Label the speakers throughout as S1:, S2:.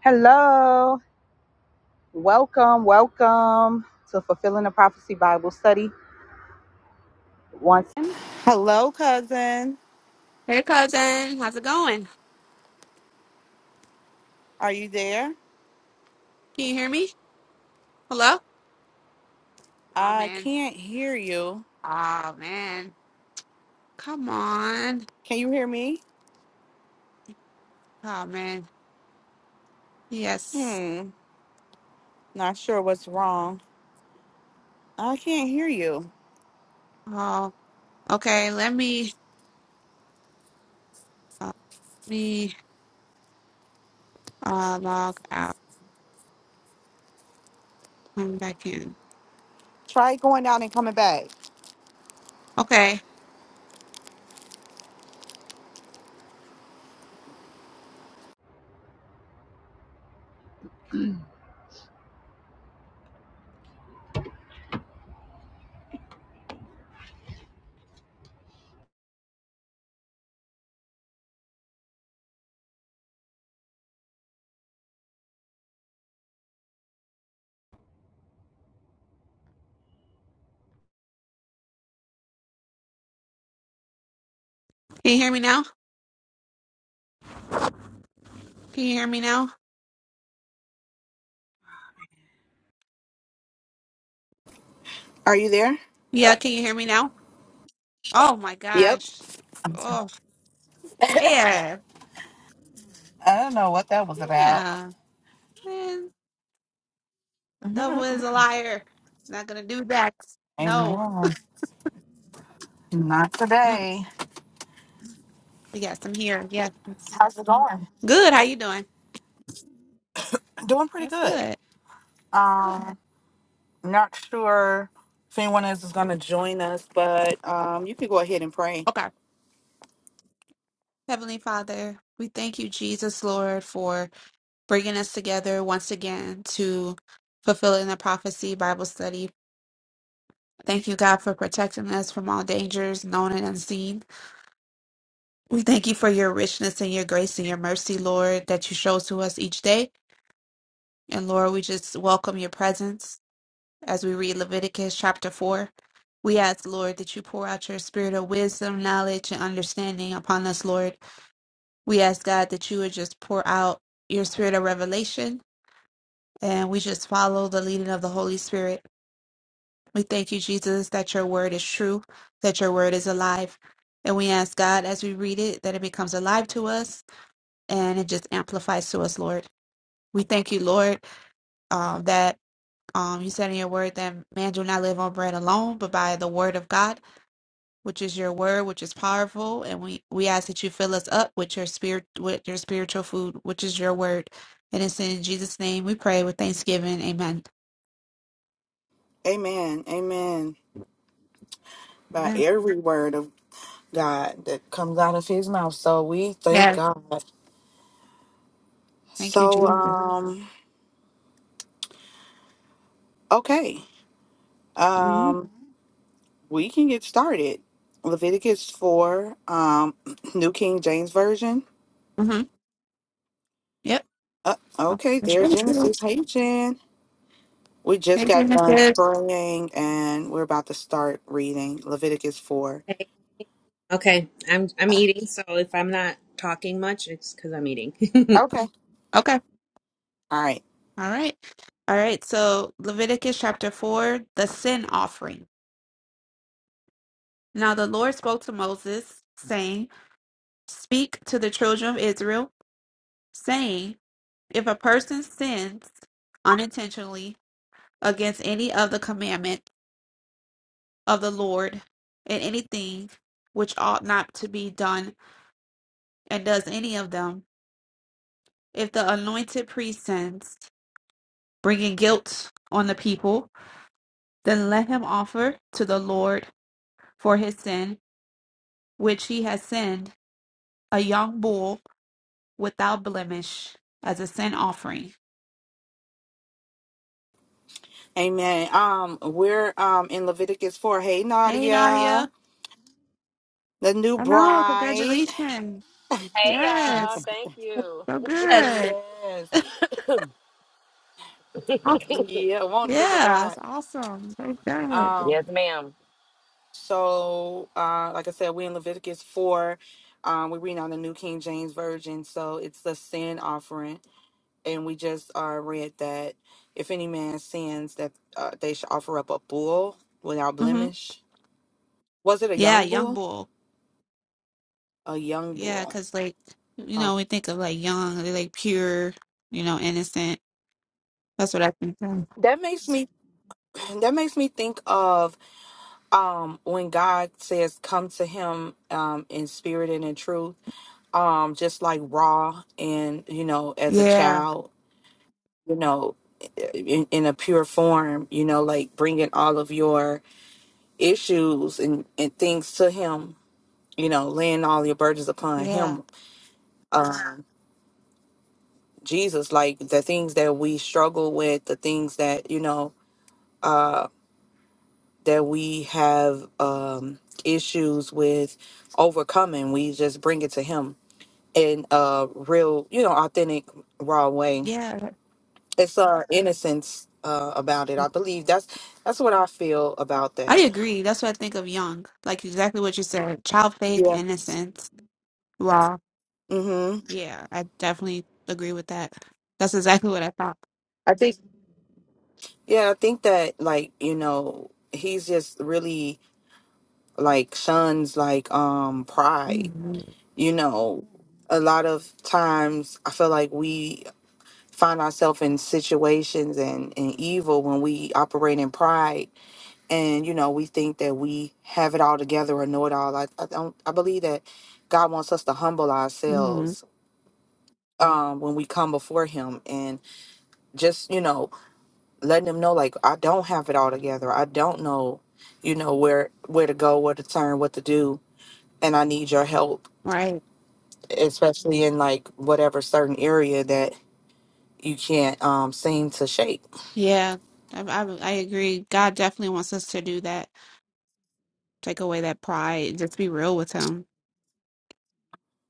S1: Hello, welcome, welcome to Fulfilling the Prophecy Bible Study. Once, Hello, cousin.
S2: Hey cousin, how's it going?
S1: Are you there?
S2: Can you hear me? Hello? Oh
S1: I
S2: man.
S1: can't hear you.
S2: Oh man. Come on.
S1: Can you hear me?
S2: Oh man. Yes.
S1: Hmm. Not sure what's wrong. I can't hear you.
S2: Oh, okay. Let me uh, let me uh log out. Come back in.
S1: Try going down and coming back.
S2: Okay. Can you hear me now? Can you hear me now?
S1: Are you there?
S2: Yeah, can you hear me now? Oh my
S1: Yep.
S2: gosh. Oh man.
S1: I don't know what that was about.
S2: Yeah. Man, the devil is a liar. Not gonna do that. No.
S1: Amen. Not today.
S2: Yes, I'm here. Yes.
S1: How's it going?
S2: Good. How you doing?
S1: Doing pretty
S2: That's
S1: good.
S2: good.
S1: Um. Not sure if anyone else is going to join us, but um, you can go ahead and pray.
S2: Okay. Heavenly Father, we thank you, Jesus, Lord, for bringing us together once again to fulfilling the prophecy Bible study. Thank you, God, for protecting us from all dangers, known and unseen. We thank you for your richness and your grace and your mercy, Lord, that you show to us each day. And Lord, we just welcome your presence as we read Leviticus chapter 4. We ask, Lord, that you pour out your spirit of wisdom, knowledge, and understanding upon us, Lord We ask God that you would just pour out your spirit of revelation and we just follow the leading of the Holy Spirit. We thank you, Jesus, that your word is true, that your word is alive. And we ask God as we read it that it becomes alive to us and it just amplifies to us, Lord. We thank you, Lord, um, that um, you said in your word that man do not live on bread alone, but by the word of God. which is your word, which is powerful, and we we ask that you fill us up with your spirit, with your spiritual food, which is your word. And it's in Jesus' name we pray with thanksgiving. Amen.
S1: Amen. Amen. By
S2: Amen.
S1: every word of God that comes out of his mouth. So we thank
S2: Yes.
S1: God.
S2: Thank you,
S1: So,
S2: Jesus.
S1: um, okay.
S2: Mm-hmm.
S1: Um, we can get started. Leviticus 4, um, New King James Version.
S2: hmm Yep.
S1: Uh, okay,
S2: That's
S1: there's
S2: right. you.
S1: Genesis. Hey, Jen. We just
S2: Hey,
S1: got
S2: Janice.
S1: done
S2: Good.
S1: praying and we're about to start reading Leviticus 4.
S3: Okay, okay. I'm I'm
S1: Uh,
S3: eating, so if I'm not talking much, it's because I'm eating.
S1: okay.
S2: Okay.
S1: All right.
S2: All right. All right. So Leviticus chapter four, the sin offering. Now the Lord spoke to Moses, saying, "Speak to the children of Israel, saying, If a person sins." unintentionally against any of the commandment of the Lord in anything which ought not to be done, and does any of them, if the anointed priest sins, bringing guilt on the people, then let him offer to the Lord for his sin, which he has sinned, a young bull without blemish as a sin offering.
S1: Amen. Um, we're um in Leviticus 4. Hey
S2: Hey,
S1: Nadia,
S2: Nadia.
S1: the new
S2: I know.
S1: bride.
S2: Congratulations.
S4: Hey y'all,
S2: Yes.
S4: thank you.
S2: So
S3: It's
S2: good.
S1: Yes.
S2: Aw-
S1: Yeah, won't look at
S2: Yeah,
S1: God.
S2: it's awesome. Thank God.
S1: Um,
S4: Yes, ma'am.
S1: so uh like I said, we in Leviticus four. Um, we're reading on the New King James Version, so it's the sin offering, and we just uh read that if any man sins that uh, they should offer up a bull without
S2: Mm-hmm.
S1: blemish. Was it a
S2: Yeah,
S1: young
S2: young
S1: bull?
S2: bull.
S1: A young
S2: Yeah,
S1: bull.
S2: because like you
S1: Oh.
S2: know, we think of like young, they're like pure, you know, innocent. That's what I think of.
S1: That makes me that makes me think of um when God says come to him um in spirit and in truth um just like raw and you know as a
S2: Yeah,
S1: child you know in, in a pure form you know like bringing all of your issues and and things to him you know laying all your burdens upon
S2: yeah,
S1: him um Jesus like the things that we struggle with the things that you know uh, that we have um, issues with overcoming, we just bring it to Him in a real, you know, authentic, raw way.
S2: yeah.
S1: It's our innocence uh, about it. I believe that's that's what I feel about
S2: I
S1: that.
S2: agree. That's what I think of young. Like exactly what you said. Child faith,
S1: Yeah.
S2: innocence. Wow.
S1: Mm-hmm.
S2: Yeah, I definitely agree with that. That's exactly what I thought.
S1: I think. Yeah, I think that like you know he's just really like shuns like um pride.
S2: hmm
S1: You know, a lot of times I feel like we find ourselves in situations and, and evil when we operate in pride and you know we think that we have it all together or know it all i, I don't i believe that god wants us to humble
S2: hmm
S1: ourselves um when we come before him and just you know letting him know like i don't have it all together i don't know you know where where to go where to turn what to do and i need your help
S2: Right.
S1: especially in like whatever certain area that you can't um seem to shape
S2: Yeah. I, I I agree. God definitely wants us to do that. Take away that pride. Just be real with Him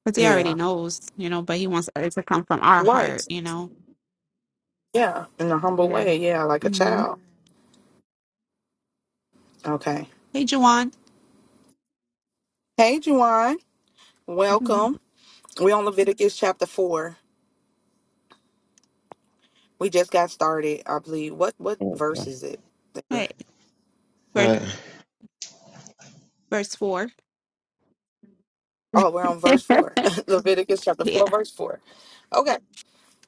S2: Because he already
S1: yeah
S2: knows, you know, but he wants it to come from our
S1: right
S2: heart, you know.
S1: Yeah, in a humble
S2: Yeah.
S1: way. Yeah, like a
S2: hmm
S1: child. Okay.
S2: Hey, Juwan.
S1: Hey, Juwan.
S2: Mhm.
S1: Welcome. We're on Leviticus chapter 4. We just got started, I believe. What what verse
S5: Okay.
S1: is it? that
S2: Hey,
S1: We're,
S2: verse
S5: Hi.
S2: verse four.
S1: oh, we're on verse 4. Leviticus chapter 4,
S2: yeah.
S1: verse 4. Okay.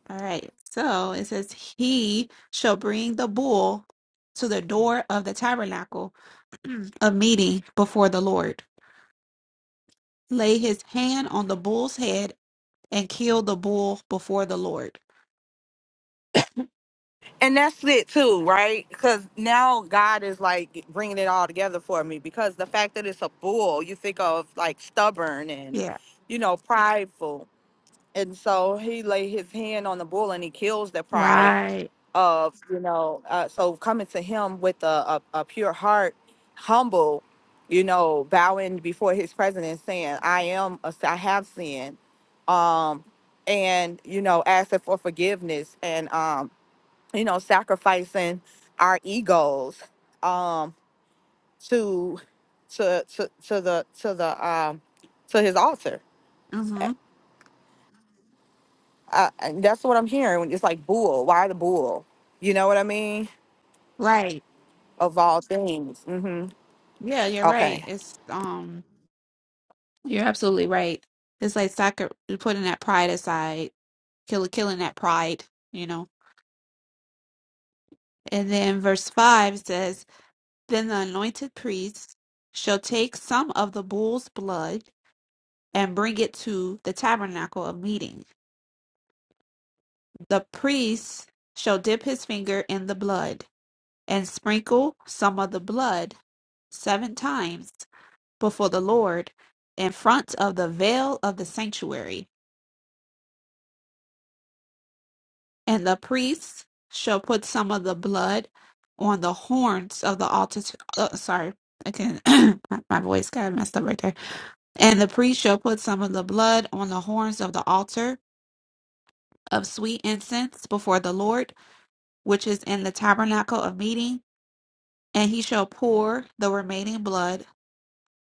S2: All right. So it says, "He shall bring the bull to the door of the tabernacle of meeting before the Lord, lay his hand on the bull's head, and kill the bull before the Lord."
S1: And that's it too, right? Because now God is like bringing it all together for me because the fact that it's a bull, you think of like stubborn and,
S2: Yeah.
S1: you know, prideful. And so he lay his hand on the bull and he kills the pride
S2: Right.
S1: of you know uh, so coming to him with a, a, a pure heart humble you know bowing before his presence and saying i am a, i have sinned um and you know asking for forgiveness and um you know sacrificing our egos um to to to, to the to the um to his altar
S2: hmm
S1: uh, and that's what i'm hearing it's like bull why the bull you know what i mean
S2: Right.
S1: of all things Mm-hmm.
S2: Yeah, you're right.
S1: Okay.
S2: It's um You're absolutely right. It's like soccer, putting that pride aside, kill, killing that pride, you know. And then verse 5 says, Then the anointed priest shall take some of the bull's blood and bring it to the tabernacle of meeting. The priest shall dip his finger in the blood and sprinkle some of the blood seven times before the Lord in front of the veil of the sanctuary And the priests shall put some of the blood on the horns of the altar. Uh, sorry, again, my my voice got messed up right there. And the priest shall put some of the blood on the horns of the altar of sweet incense before the Lord, which is in the tabernacle of meeting. And he shall pour the remaining blood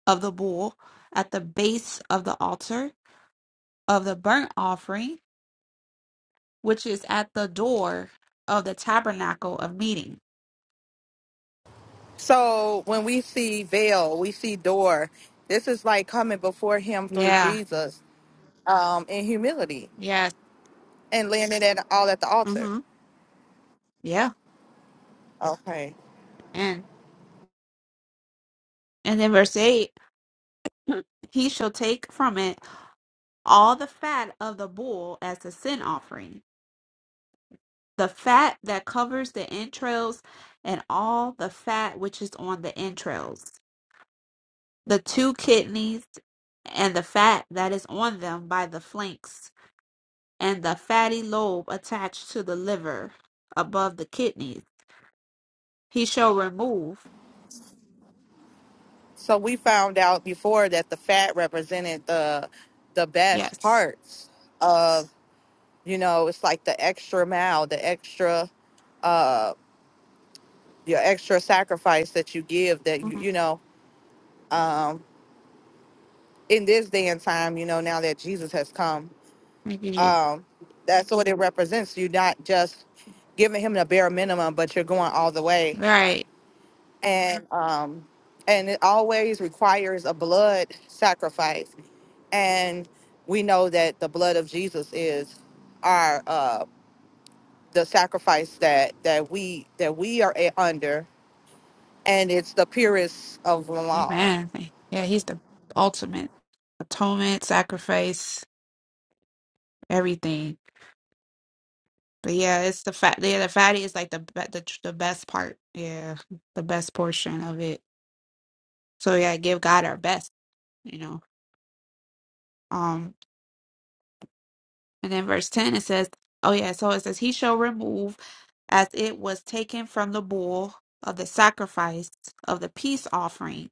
S2: of the bull at the base of the altar of the burnt offering, which is at the door of the tabernacle of meeting.
S1: So when we see veil, we see door. This is like coming before him through
S2: Yeah.
S1: Jesus um, in humility
S2: Yes.
S1: and laying it at, all at the altar.
S2: Mm-hmm. Yeah.
S1: Okay.
S2: And and then verse eight, he shall take from it all the fat of the bull as a sin offering, the fat that covers the entrails, and all the fat which is on the entrails, the two kidneys, and the fat that is on them by the flanks, and the fatty lobe attached to the liver above the kidneys. He shall remove.
S1: So we found out before that the fat represented the the best
S2: Yes.
S1: parts of you know it's like the extra mile, the extra your extra sacrifice that you give that you
S2: Mhm.
S1: you know um, in this day and time you know now that Jesus has come
S2: Thank you, Jesus.
S1: Um, that's what it represents. You're not just giving him the bare minimum, but you're going all the way.
S2: Right.
S1: And um, and it always requires a blood sacrifice. And we know that the blood of Jesus is our uh, the sacrifice that that we that we are a- under, and it's the purest of them all.
S2: Amen. Yeah, he's the ultimate atonement, sacrifice, everything. But yeah, it's the fat. Yeah, the fatty is like the be- the tr- the best part. Yeah, the best portion of it. So yeah, give God our best. You know. Um, and then verse ten it says, "Oh yeah, so it says he shall remove as it was taken from the bull of the sacrifice of the peace offering,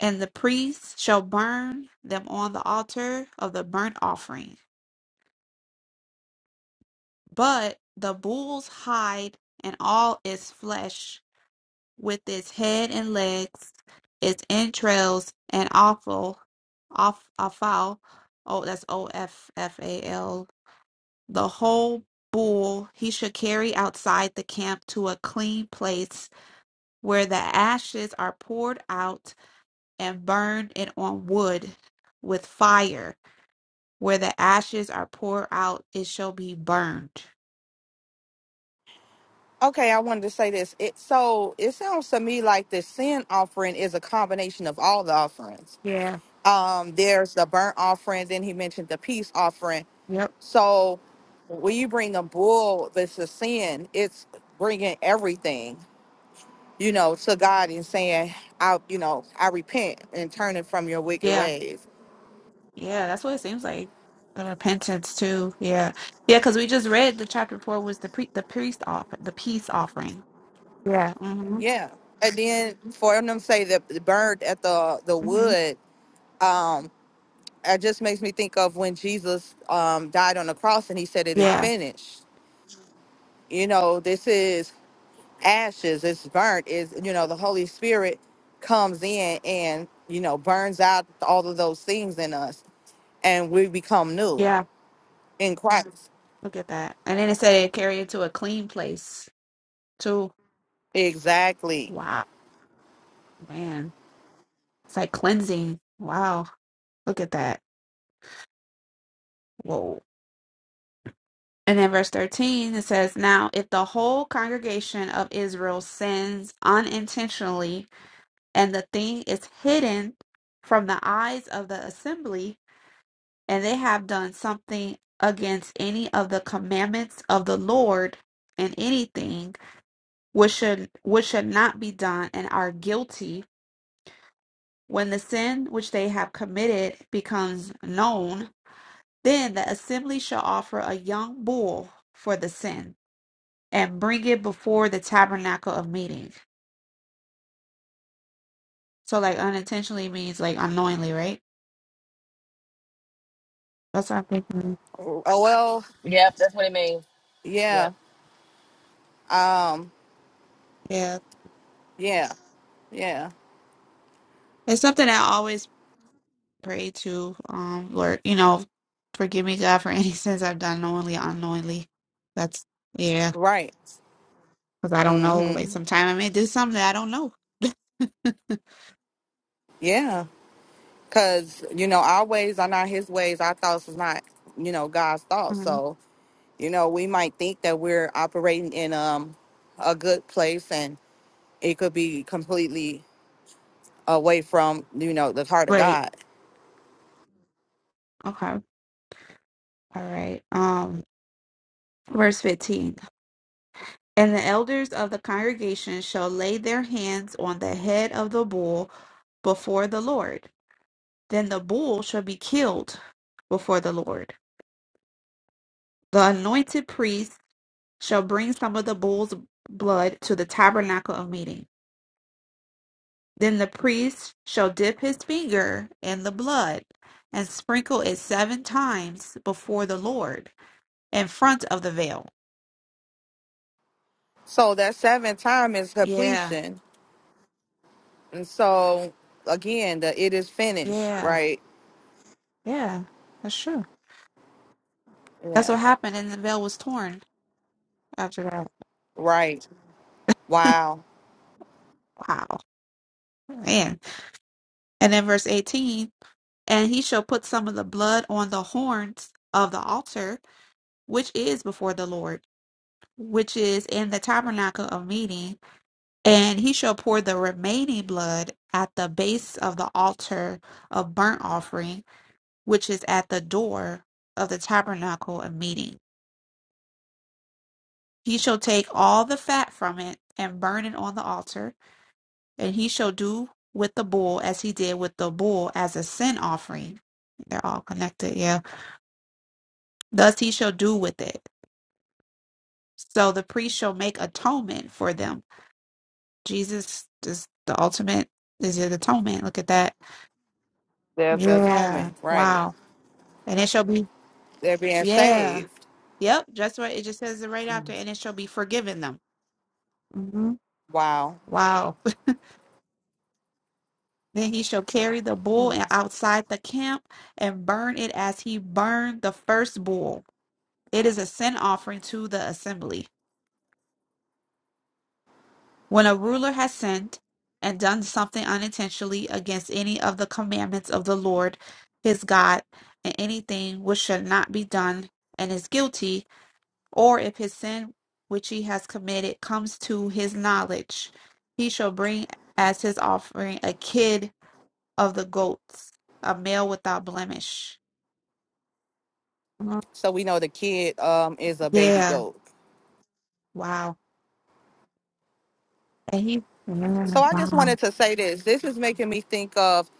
S2: and the priest shall burn them on the altar of the burnt offering." But the bull's hide and all its flesh, with its head and legs, its entrails and offal, off offal, oh that's O F F A L. The whole bull he should carry outside the camp to a clean place where the ashes are poured out and burned in on wood with fire. Where the ashes are poured out, it shall be burned.
S1: Okay, I wanted to say this. It so it sounds to me like the sin offering is a combination of all the offerings
S2: Yeah.
S1: um there's the burnt offering then he mentioned the peace offering
S2: Yep.
S1: so when you bring a bull that's a sin it's bringing everything you know to god and saying i you know i repent and turning from your wicked
S2: Yeah.
S1: ways
S2: Yeah, that's what it seems like. The repentance too. Yeah. Yeah, because we just read the chapter before was the pre the priest offer the peace offering. Yeah. Mm-hmm.
S1: yeah and then for them to say that the bird at the the
S2: Mm-hmm.
S1: wood um it just makes me think of when jesus um died on the cross and he said it is
S2: Yeah.
S1: finished you know this is ashes it's burnt is you know the holy spirit comes in and you know burns out all of those things in us and we become new
S2: Yeah.
S1: in christ
S2: Look at that. And then it said it carry it to a clean place too.
S1: exactly
S2: Wow. Man. It's like cleansing. Wow. Look at that. Whoa. And then verse 13 it says, Now if the whole congregation of Israel sins unintentionally and the thing is hidden from the eyes of the assembly, and they have done something against any of the commandments of the Lord and anything which should which should not be done and are guilty when the sin which they have committed becomes known then the assembly shall offer a young bull for the sin and bring it before the tabernacle of meeting so like unintentionally means like unknowingly right that's what i'm thinking
S1: oh well
S4: Yep, that's what it means. Yep.
S1: yeah um
S2: yeah
S1: yeah yeah
S2: it's something that always pray to um lord you know forgive me god for any sins i've done knowingly unknowingly that's yeah
S1: right
S2: because i don't know like
S1: mm-hmm
S2: sometime i may do something that i don't know
S1: yeah because you know our ways are not his ways our thoughts is not you know god's thoughts
S2: Mhm.
S1: so you know we might think that we're operating in um a good place and it could be completely away from you know the heart of
S2: Right.
S1: God.
S2: Okay. All right. Um, verse 15. And the elders of the congregation shall lay their hands on the head of the bull before the Lord. Then the bull shall be killed before the Lord. The anointed priest shall bring some of the bull's blood to the tabernacle of meeting Then the priest shall dip his finger in the blood and sprinkle it seven times before the Lord in front of the veil.
S1: So that seventh time is
S2: Yeah,
S1: completion, and so again, the it is finished,
S2: yeah,
S1: right?
S2: yeah. That's true. That's
S1: Yeah,
S2: what happened, and the veil was torn after
S1: right.
S2: that.
S1: Wow,
S2: wow, man. And then verse 18 and he shall put some of the blood on the horns of the altar, which is before the Lord, which is in the tabernacle of meeting And he shall pour the remaining blood at the base of the altar of burnt offering, which is at the door of the tabernacle of meeting. He shall take all the fat from it and burn it on the altar, and he shall do with the bull as he did with the bull as a sin offering. They're all connected, yeah. Thus he shall do with it. So the priest shall make atonement for them. Jesus is the ultimate, is it atonement? Look at that.
S1: there's
S2: Yeah.
S1: atonement, right?
S2: Wow. And it shall be,
S1: They're being
S2: yeah,
S1: saved.
S2: yep, that's right. It just says it right after, and it shall be forgiven them. hmm
S1: Wow.
S2: Wow. Then he shall carry the bull
S1: Hmm.
S2: and outside the camp and burn it as he burned the first bull. It is a sin offering to the assembly. When a ruler has sinned and done something unintentionally against any of the commandments of the Lord his God, and anything which should not be done, and is guilty, or if his sin which he has committed comes to his knowledge, he shall bring as his offering a kid of the goats, a male without blemish. Mm,
S1: So we know the kid um is a baby
S2: Yeah,
S1: goat.
S2: wow. And he,
S1: So
S2: Mm,
S1: I just
S2: wow.
S1: wanted to say this. This is making me think of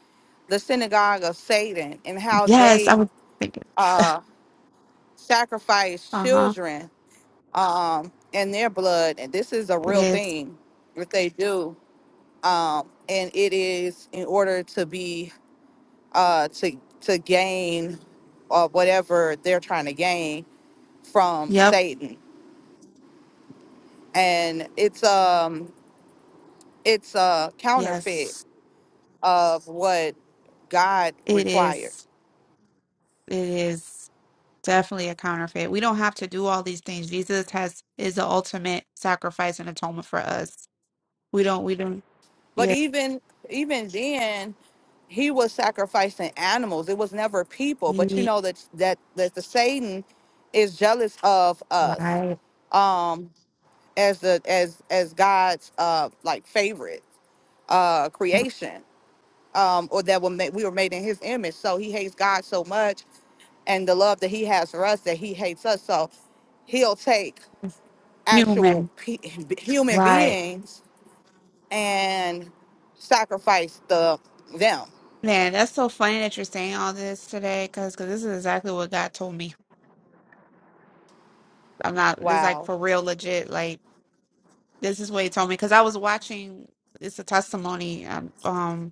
S1: the synagogue of Satan and how
S2: yes, I
S1: they
S2: was thinking,
S1: uh sacrifice
S2: uh huh,
S1: children um, in their blood. And this is a
S2: it
S1: real
S2: is.
S1: thing that they do. Um, and it is in order to be uh, to to gain uh, whatever they're trying to gain from
S2: Yep,
S1: Satan. And it's um it's a counterfeit
S2: yes,
S1: of what God
S2: it
S1: requires.
S2: is. It is definitely a counterfeit. We don't have to do all these things. Jesus has is the ultimate sacrifice and atonement for us. We don't, we don't,
S1: But even even then, he was sacrificing animals. It was never people. But you
S2: yeah.
S1: know that that that the Satan is jealous of us
S2: Right.
S1: um, as the as as God's uh, like favorite uh, creation, um, or that were made, we were made in His image. So he hates God so much, and the love that He has for us that He hates us. So he'll take actual
S2: Human.
S1: pe- human
S2: Right.
S1: beings and sacrifice the them.
S2: Man, that's so funny that you're saying all this today because this is exactly what God told me. I'm not, this is like
S1: Wow.
S2: for real, legit. Like, this is what He told me because I was watching, it's a testimony. Um, um,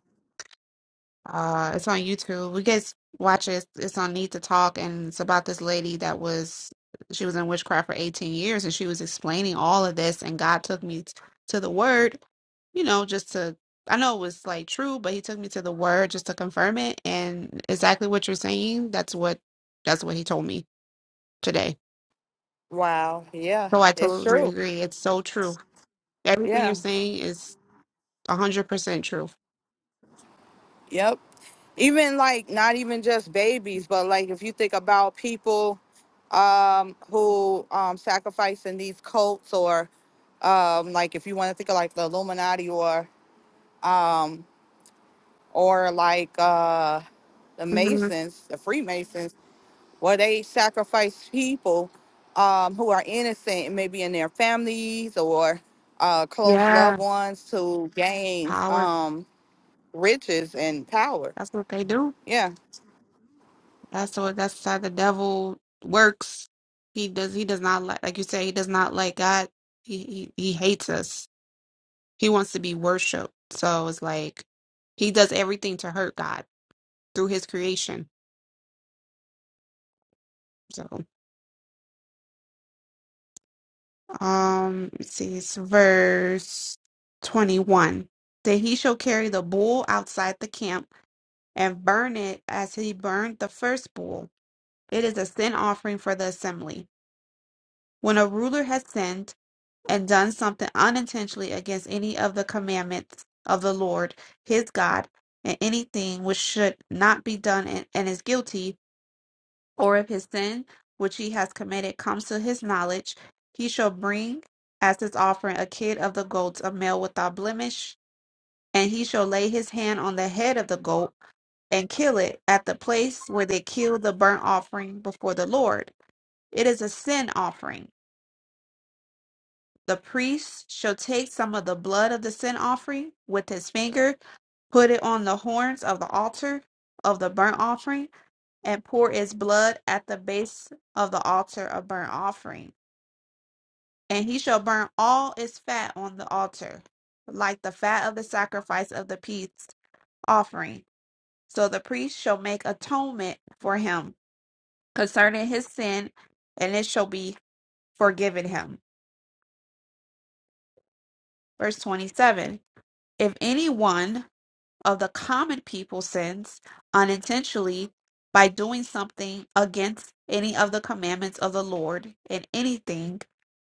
S2: Uh, it's on YouTube. We guys watch it. It's on Need to Talk, and it's about this lady that was she was in witchcraft for 18 years, and she was explaining all of this, and God took me t- to the Word, you know, just to I know it was like true, but He took me to the Word just to confirm it, and exactly what you're saying. That's what that's what He told me today.
S1: Wow. Yeah,
S2: So I
S1: it's
S2: totally
S1: true.
S2: agree. It's so true. Everything
S1: Yeah.
S2: you're saying is 100% true.
S1: Yep. Even like not even just babies, but like if you think about people um who um sacrifice in these cults or um like if you want to think of like the Illuminati or or like uh the
S2: hmm
S1: Masons, the Freemasons, where they sacrifice people um, who are innocent, maybe in their families or uh, close
S2: Yeah,
S1: loved ones, to gain.
S2: power.
S1: Um, riches and power.
S2: That's what they do.
S1: Yeah.
S2: That's the that's how the devil works. He does he does not like like you say, he does not like God. He he, he hates us. He wants to be worshipped. So it's like he does everything to hurt God through his creation. So um let's see it's verse twenty one. That he shall carry the bull outside the camp and burn it as he burned the first bull. It is a sin offering for the assembly. When a ruler has sinned, and done something unintentionally against any of the commandments of the Lord his God, and anything which should not be done and, and is guilty, or if his sin which he has committed comes to his knowledge, he shall bring as his offering a kid of the goats, a male without blemish, and he shall lay his hand on the head of the goat and kill it at the place where they kill the burnt offering before the Lord. It is a sin offering The priest shall take some of the blood of the sin offering with his finger, put it on the horns of the altar of the burnt offering, and pour its blood at the base of the altar of burnt offering. And he shall burn all its fat on the altar, like the fat of the sacrifice of the peace offering. So the priest shall make atonement for him concerning his sin, and it shall be forgiven him. Verse 27 If anyone of the common people's sins unintentionally by doing something against any of the commandments of the Lord in anything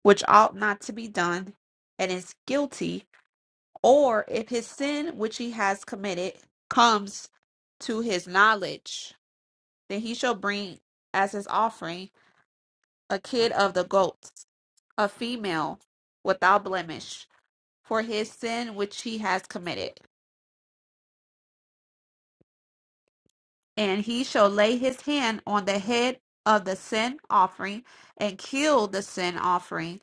S2: which ought not to be done and is guilty, or if his sin which he has committed comes to his knowledge, then he shall bring as his offering a kid of the goats, a female without blemish, for his sin which he has committed and he shall lay his hand on the head of the sin offering and kill the sin offering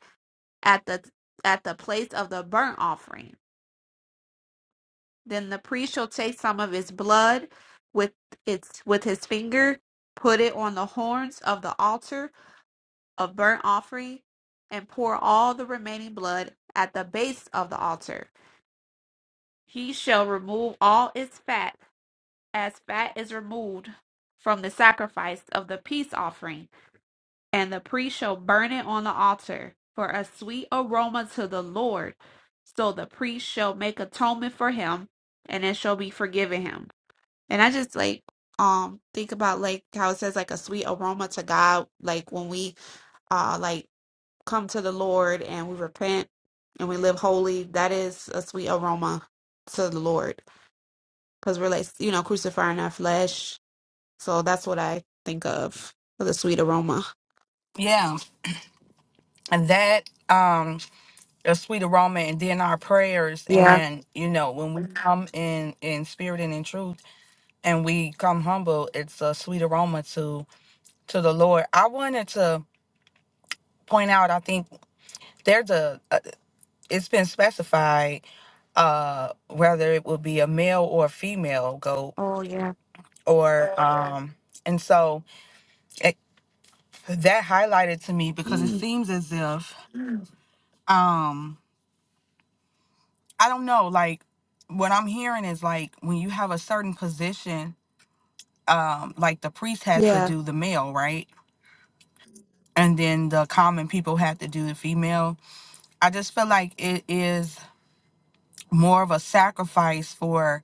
S2: at the at the place of the burnt offering then the priest shall take some of his blood with its with his finger put it on the horns of the altar of burnt offering and pour all the remaining blood at the base of the altar he shall remove all its fat as fat is removed from the sacrifice of the peace offering and the priest shall burn it on the altar for a sweet aroma to the Lord. So the priest shall make atonement for him, and it shall be forgiven him. And I just like um think about like how it says like a sweet aroma to God, like when we uh like come to the Lord and we repent and we live holy, that is a sweet aroma to the Lord because we're like you know crucifying our flesh. So that's what I think of for the sweet aroma.
S1: Yeah, and that um a sweet aroma, and then our prayers,
S2: Yeah.
S1: and you know when we come in in spirit and in truth, and we come humble, it's a sweet aroma to to the Lord. I wanted to point out, I think there's a uh, it's been specified uh whether it would be a male or a female goat
S2: Oh, yeah.
S1: or Oh, right. um and so it, that highlighted to me because it seems as if um I don't know. Like what I'm hearing is like when you have a certain position, um, like the priest had to
S2: Yeah,
S1: do the male, right? And then the common people had to do the female. I just feel like it is more of a sacrifice for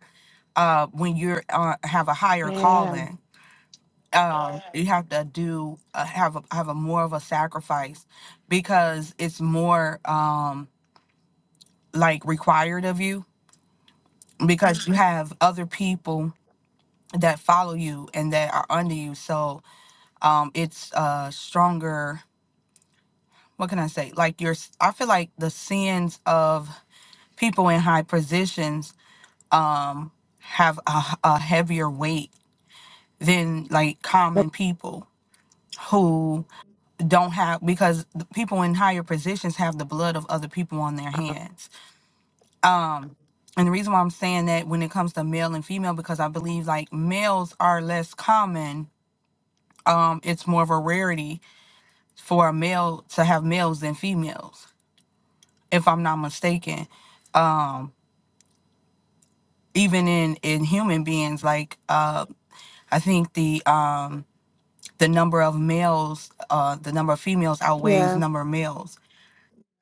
S1: uh when you're uh, have a higher
S2: yeah,
S1: calling. Um, you have to do uh, have a, have a more of a sacrifice because it's more um like required of you because you Mhm. have other people that follow you and that are under you. So um, it's uh, stronger. What can I say? Like your, I feel like the sins of people in high positions um, have a a heavier weight than like common people who don't have because the people in higher positions have the blood of other people on their hands. Um, and the reason why I'm saying that when it comes to male and female, because I believe like males are less common. Um, it's more of a rarity for a male to have males than females, if I'm not mistaken. Um, even in in human beings, like uh, I think the um, the number of males, uh, the number of females outweighs
S2: yeah,
S1: number of males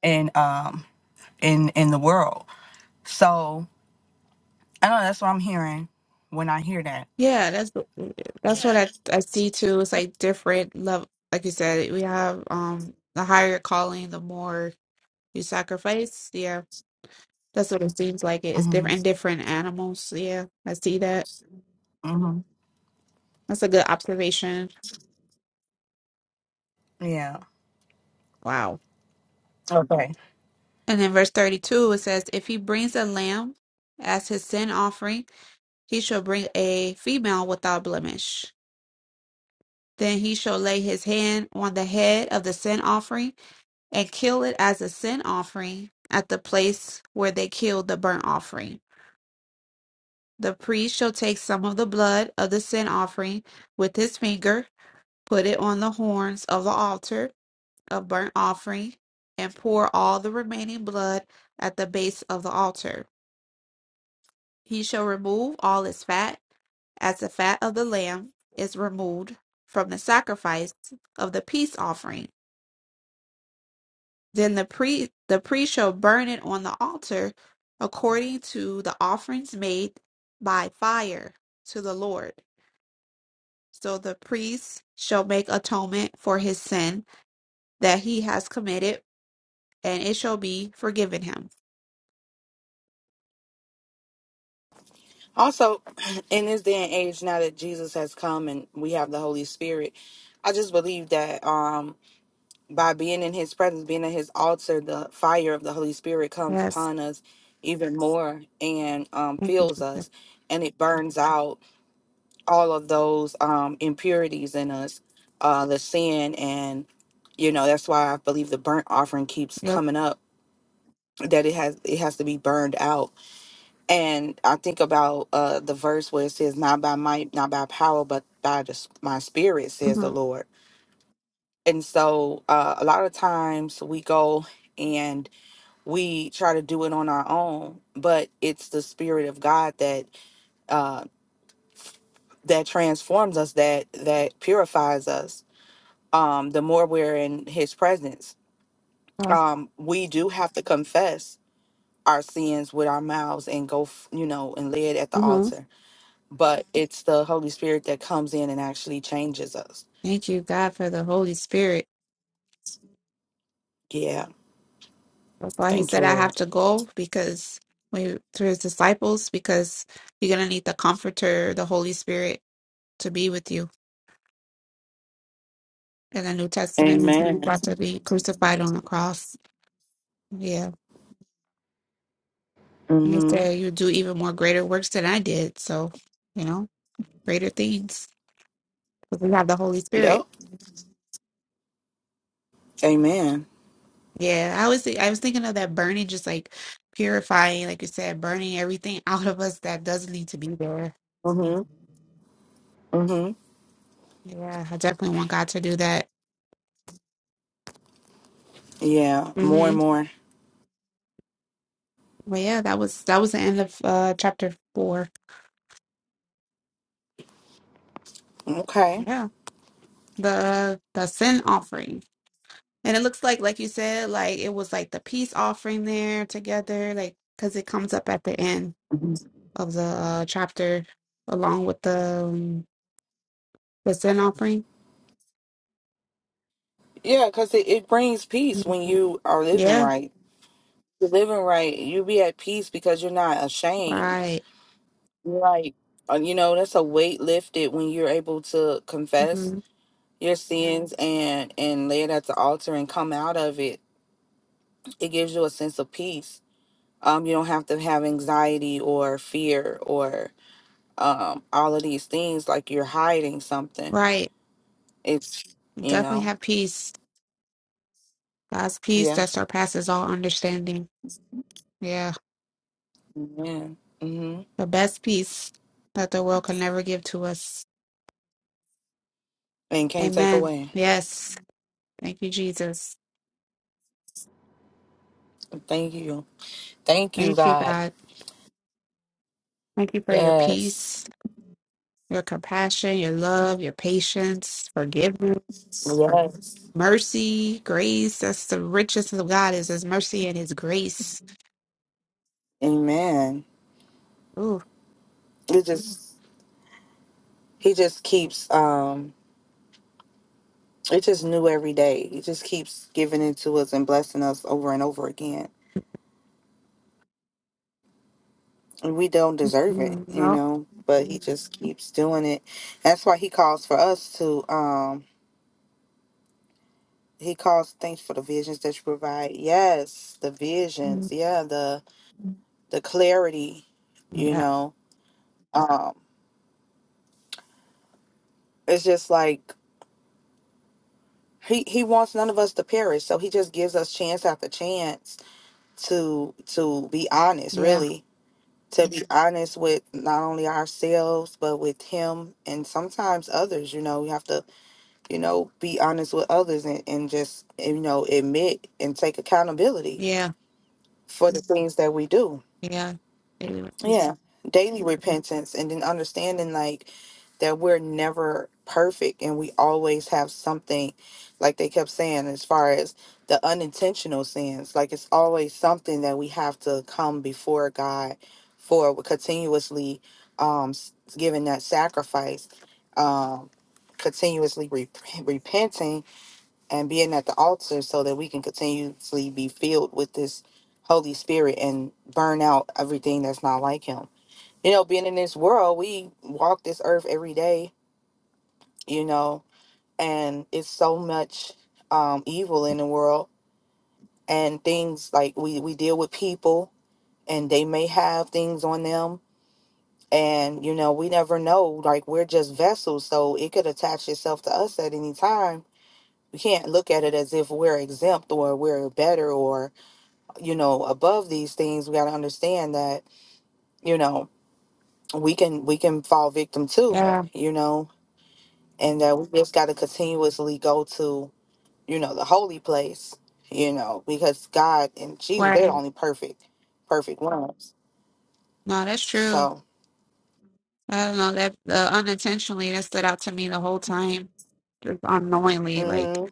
S1: in um, in in the world. So I don't know that's what I'm hearing when I hear that.
S2: yeah. That's that's what I I see too. It's like different level. Like you said, we have um the higher your calling, the more you sacrifice. Yeah, that's what it seems like. It's
S1: hmm
S2: different in different animals. Yeah, I see that.
S1: hmm
S2: That's a good observation.
S1: Yeah.
S2: Wow.
S1: Okay.
S2: And then verse thirty-two, it says, "If he brings a lamb as his sin offering, he shall bring a female without blemish. Then he shall lay his hand on the head of the sin offering." and kill it as a sin offering at the place where they killed the burnt offering. The priest shall take some of the blood of the sin offering with his finger, put it on the horns of the altar of burnt offering, and pour all the remaining blood at the base of the altar. He shall remove all its fat, as the fat of the lamb is removed from the sacrifice of the peace offering Then the pre the priest shall burn it on the altar according to the offerings made by fire to the Lord. So the priest shall make atonement for his sin that he has committed, and it shall be forgiven him.
S1: Also, in this day and age, now that Jesus has come and we have the Holy Spirit, I just believe that. Um, by being in his presence, being at his altar, the fire of the Holy Spirit comes
S2: Yes.
S1: upon us even more and um,
S2: Thank you,
S1: fills
S2: Jesus.
S1: us and it burns out all of those um, impurities in us, uh, the sin. And, you know, that's why I believe the burnt offering keeps
S2: Yep.
S1: coming up that it has it has to be burned out and i think about uh the verse where it says not by might not by power but by the, s- my spirit says the
S2: Mhm.
S1: lord and so uh a lot of times we go and. we try to do it on our own but it's the spirit of god that uh that transforms us that that purifies us um the more we're in his presence
S2: Yeah.
S1: um we do have to confess our sins with our mouths and go f- you know and lay it at the
S2: Mhm.
S1: altar but it's the holy spirit that comes in and actually changes us
S2: Thank you, God, for the Holy Spirit.
S1: yeah
S2: That's why he
S1: thank you
S2: said I have
S1: lord
S2: to go because we to his disciples, because you're gonna need the comforter, the Holy Spirit to be with you In the New Testament, he's
S1: amen
S2: about to be crucified on the cross. Yeah. And he
S1: mm-hmm
S2: said, You do even more greater works than I did. So, you know, greater things. But we have the Holy
S1: yep
S2: Spirit.
S1: amen
S2: Yeah. I was thi- I was thinking of that burning, just like purifying, like you said, burning everything out of us that doesn't need to be there.
S1: mm-hmm mm-hmm
S2: Yeah. I definitely want God to do that.
S1: yeah more and
S2: Mm-hmm.
S1: more
S2: But yeah, that was that was the end of uh chapter four.
S1: okay
S2: Yeah. The the sin offering. And it looks like, like you said, like it was like the peace offering there together, like because it comes up at the end of the uh, chapter along with the um, the sin offering.
S1: Yeah, because it, it brings peace when you are living
S2: Yeah,
S1: right. You're living right, you be at peace because you're not ashamed.
S2: right,
S1: Like, uh, you know, that's a weight lifted when you're able to confess
S2: hmm
S1: your sins and and lay it at the altar and come out of it. It gives you a sense of peace. Um, you don't have to have anxiety or fear or um all of these things like you're hiding something.
S2: right.
S1: It's you
S2: Definitely
S1: know,
S2: have peace, God's peace
S1: yeah,
S2: that surpasses all understanding. Yeah,
S1: yeah, mm-hmm,
S2: the best peace that the world can never give to us.
S1: and can't take
S2: Amen.
S1: away.
S2: Yes, thank you, Jesus.
S1: Thank you. Thank you,
S2: Thank you,
S1: God.
S2: God. Thank you for your peace.
S1: Yes.
S2: your compassion, your love, your patience, forgiveness,
S1: Yes.
S2: mercy, grace. That's the richest of God is His mercy and His grace.
S1: Amen.
S2: Ooh,
S1: It just he just keeps um it just new every day. He just keeps giving it to us and blessing us over and over again. And we don't deserve it,
S2: mm,
S1: you
S2: no,
S1: know, but he just keeps doing it. That's why he calls for us to um he calls thanks for the visions that you provide. Yes, the visions.
S2: mm,
S1: Yeah, the the clarity, you
S2: yeah,
S1: know. Um it's just like He he wants none of us to perish, so he just gives us chance after chance to to be honest,
S2: yeah,
S1: really, to be Mhm. honest with not only ourselves but with him and sometimes others. You know, we have to you know be honest with others and and just you know admit and take accountability
S2: yeah,
S1: for the Mhm. things that we do.
S2: yeah, yeah.
S1: Yeah, daily repentance and then understanding like that we're never perfect and we always have something like they kept saying as far as the unintentional sins like it's always something that we have to come before God for continuously um s- giving that sacrifice um continuously rep- repenting and being at the altar so that we can continuously be filled with this Holy Spirit and burn out everything that's not like him you know, being in this world, we walk this earth every day, you know, and it's so much um, evil in the world and things like we, we deal with people and they may have things on them. And, you know, we never know, like we're just vessels. So it could attach itself to us at any time. We can't look at it as if we're exempt or we're better or, you know, above these things. We got to understand that, you know, we can we can fall victim too,
S2: yeah,
S1: you know, and that we just got to continuously go to you know the holy place you know because god and jesus they're the
S2: Right?
S1: only perfect perfect ones
S2: No, that's true.
S1: so
S2: I don't know that uh, unintentionally that stood out to me the whole time, just unknowingly. Like,
S1: mm-hmm,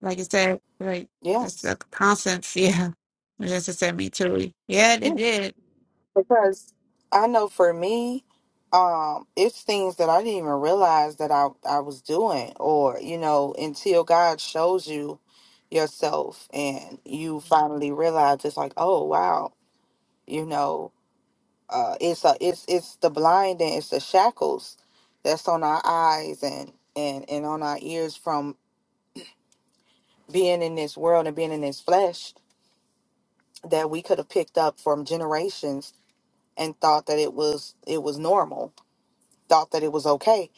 S2: like I said, like
S1: yeah
S2: it's the constants. Yeah, just it said me too. Yeah,
S1: yeah
S2: it did.
S1: because i know for me um it's things that i didn't even realize that i i was doing or you know until god shows you yourself and you finally realize it's like oh wow you know uh it's a it's it's the blinding it's the shackles that's on our eyes and and and on our ears from being in this world and being in this flesh that we could have picked up from generations and thought that it was it was normal thought that it was okay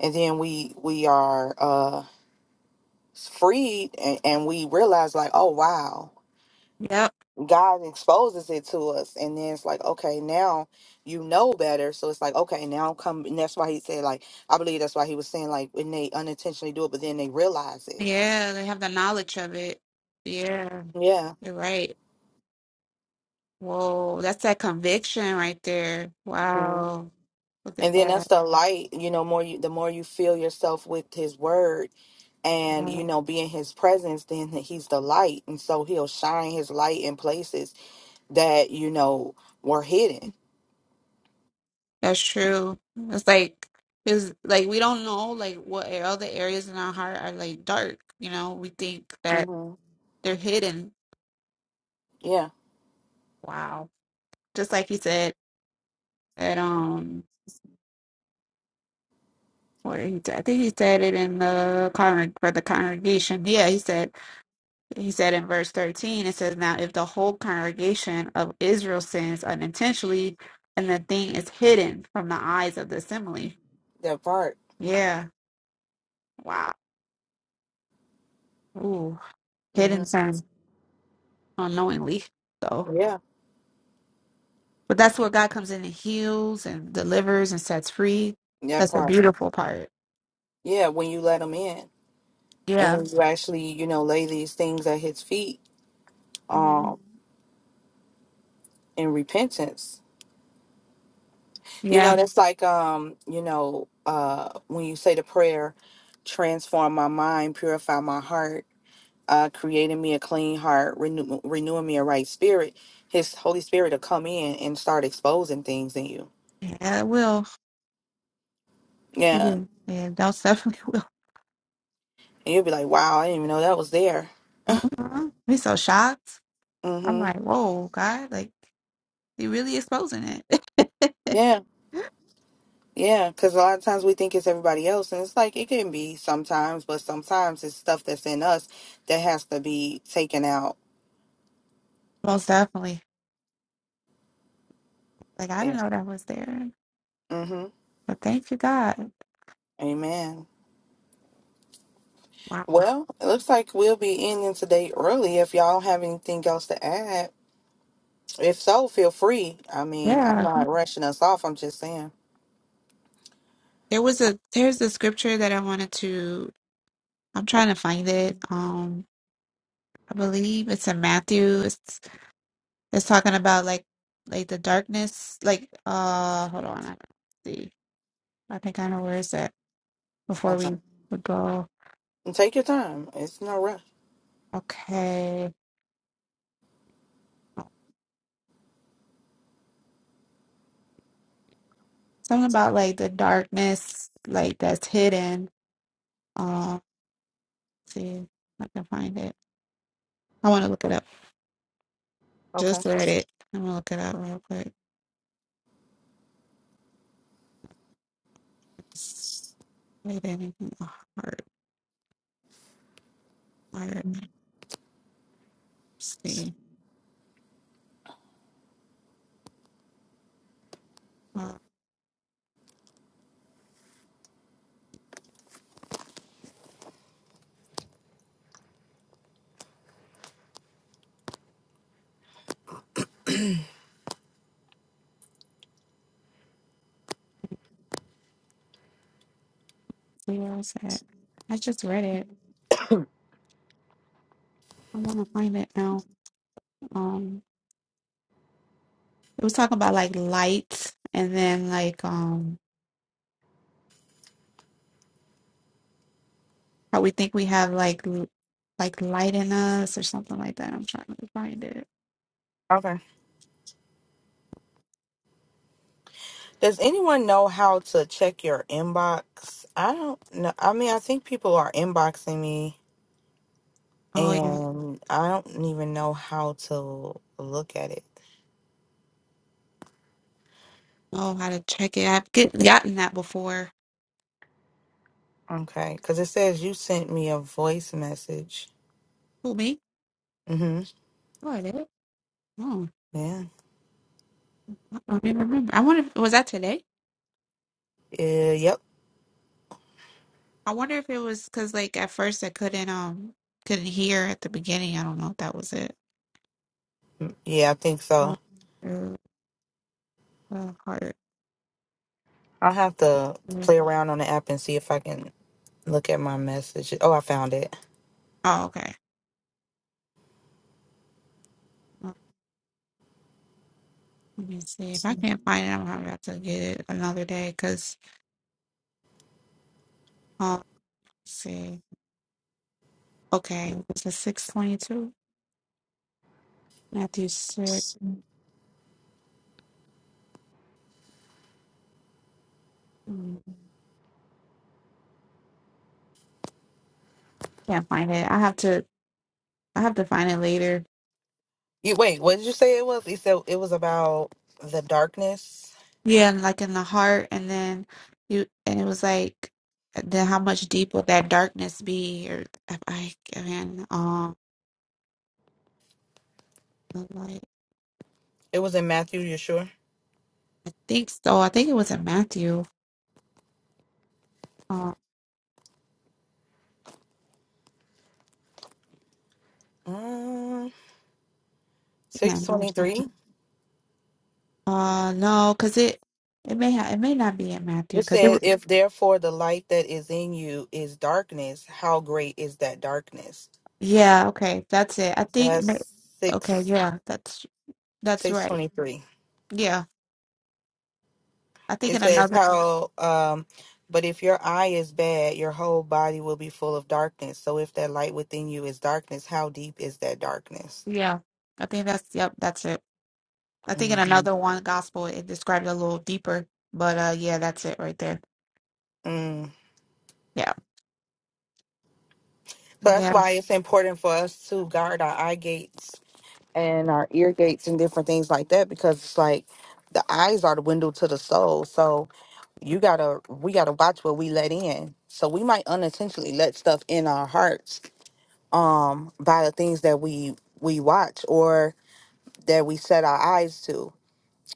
S1: and then we we are uh freed and, and we realize like oh wow
S2: Yep.
S1: God exposes it to us, and then it's like, okay, now you know better. So it's like, okay, now come. And that's why he said, like, I believe that's why he was saying, like, when they unintentionally do it, but then they realize it.
S2: Yeah, they have the knowledge of it. Yeah,
S1: Yeah.
S2: you're right. Whoa, that's that conviction right there.
S1: hmm
S2: Wow. Look at
S1: And then that's
S2: that.
S1: the light. You know, more you, the more you fill yourself with His Word, and you know, be in His presence, then He's the light, and so He'll shine His light in places that you know were hidden.
S2: That's true. It's like it's like we don't know like what a- other areas in our heart are like dark, you know? We think that
S1: hmm
S2: they're hidden.
S1: Yeah,
S2: Wow. Just like he said that um what did he say? I think he said it in the con for the congregation. Yeah, he said He said in verse 13, it says, Now if the whole congregation of Israel sins unintentionally, and the thing is hidden from the eyes of the assembly.
S1: that part.
S2: Yeah. Wow. Ooh.
S1: hmm
S2: Hidden term unknowingly. So
S1: Yeah,
S2: but that's where God comes in and heals and delivers and sets free.
S1: that
S2: That's a
S1: part.
S2: beautiful part.
S1: Yeah, when you let him in, and
S2: Yeah.
S1: when you actually, you know, lay these things at his feet,
S2: hmm
S1: um, in repentance, you know,
S2: Yeah.
S1: that's like, um, you know, uh, when you say the prayer, transform my mind, purify my heart, uh, creating me a clean heart, renew, renewing me a right spirit. His Holy Spirit will come in and start exposing things in you.
S2: Yeah, it will. It
S1: Yeah, and
S2: will. Yeah, that's definitely
S1: you'll be like, wow, I didn't even know that was there.
S2: will. Mhm. We so shocked. I'm
S1: Mm-hmm.
S2: like, whoa, God, like he really exposing it.
S1: Yeah. Yeah, because a lot of times we think it's everybody else, and it's like it can be sometimes, but sometimes it's stuff that's in us that has to be taken out.
S2: Most definitely. Like I
S1: Yeah.
S2: didn't know that was there.
S1: Mm-hmm.
S2: But thank you, God.
S1: Amen.
S2: Wow.
S1: Well, it looks like we'll be ending today early if y'all don't have anything else to add. If so, feel free. I mean, I'm
S2: Yeah.
S1: not rushing us off. I'm just saying.
S2: There was a there's a scripture that I wanted to I'm trying to find it. Um I believe it's in Matthew. It's it's talking about like like the darkness. Like uh hold on, I see. I think I know where it's at before
S1: Okay.
S2: we would go.
S1: And take your time. It's no rush.
S2: Okay. Something about like the darkness like that's hidden. Um see if I can find it. I want to look it up.
S1: Okay.
S2: Just read it. I'm gonna look it up real quick. Is it anything hard? Let's see. Uh, see where is that? I just read it. I want to find it now. Um, it was talking about like light, and then like um, how we think we have like l- like light in us or something like that. I'm trying to find it.
S1: Okay. Does anyone know how to check your inbox? I don't know. I mean, I think people are inboxing me
S2: Oh, you
S1: and I don't even know how to look at it.
S2: know how to check it. I've get, gotten that before.
S1: Okay, because it says you sent me a voice message.
S2: Who me?
S1: Mm-hmm.
S2: Oh, I did. Oh,
S1: Yeah.
S2: I don't even remember. I wonder. if- Was that today?
S1: Yeah. Yep.
S2: I wonder if it was because, like, at first I couldn't um couldn't hear at the beginning. I don't know if that was it.
S1: Yeah, I think
S2: Uh,
S1: so.
S2: uh, uh, heart.
S1: I'll have to
S2: mm,
S1: play around on the app and see if I can look at my message. Oh, I found it.
S2: Oh, okay. Uh, Let me see if I can't find it. I'm gonna have to get it another day. Cause um, let's see. Okay, it's a six twenty two. Matthew six. Mm, Can't find it. I have to. I have to find it later.
S1: You wait. What did you say it was? You said it was about the darkness.
S2: Yeah, and like in the heart, and then you, and it was like, then how much deep would that darkness be? Or if I, I, man, um. I'm like,
S1: It was in Matthew. You sure?
S2: I think so. I think it was in Matthew. Uh,
S1: Um,
S2: I
S1: six
S2: can't remember. something.
S1: twenty-three.
S2: Uh, no, because it it may ha it may not be in Matthew
S1: It
S2: because it.
S1: said,
S2: wa-
S1: "If therefore the light that is in you is darkness, how great is that darkness?"
S2: Yeah, okay, that's it. I think. ma-
S1: That's
S2: Okay,
S1: six
S2: yeah, that's that's
S1: six
S2: right.
S1: twenty three.
S2: Yeah, I think
S1: It
S2: in
S1: says
S2: another.
S1: how um but if your eye is bad, your whole body will be full of darkness. So if that light within you is darkness, how deep is that darkness?
S2: Yeah, I think that's yep, that's it. I think in
S1: Mhm.
S2: another one gospel it described a little deeper, but uh, yeah, that's it right there.
S1: Mm.
S2: Yeah,
S1: So that's
S2: yeah,
S1: why it's important for us to guard our eye gates and our ear gates and different things like that because it's like the eyes are the window to the soul. So you gotta we gotta watch what we let in. So we might unintentionally let stuff in our hearts um by the things that we we watch or that we set our eyes to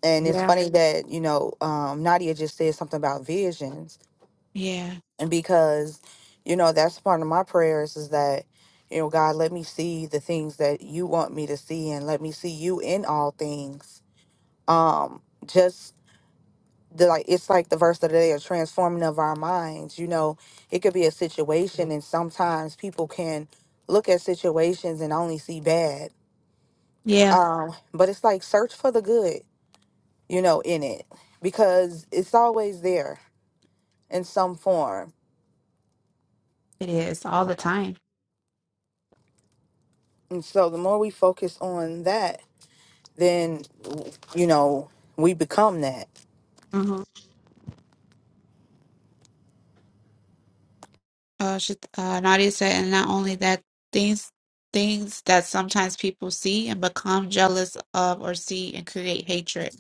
S1: and it's
S2: yeah,
S1: funny that you know um nadia just said something about visions
S2: yeah,
S1: and because you know that's part of my prayers is that you know god let me see the things that you want me to see and let me see you in all things um just the like it's like the verse of the day of transforming of our minds you know it could be a situation and sometimes people can look at situations and only see bad
S2: yeah.
S1: Um, but it's like search for the good, you know, in it because it's always there in some form.
S2: It is all the time.
S1: And so the more we focus on that, then you know, we become that.
S2: mm-hmm. Uh, she, uh, Nadia said, and not only that, things things that sometimes people see and become jealous of or see and create hatred.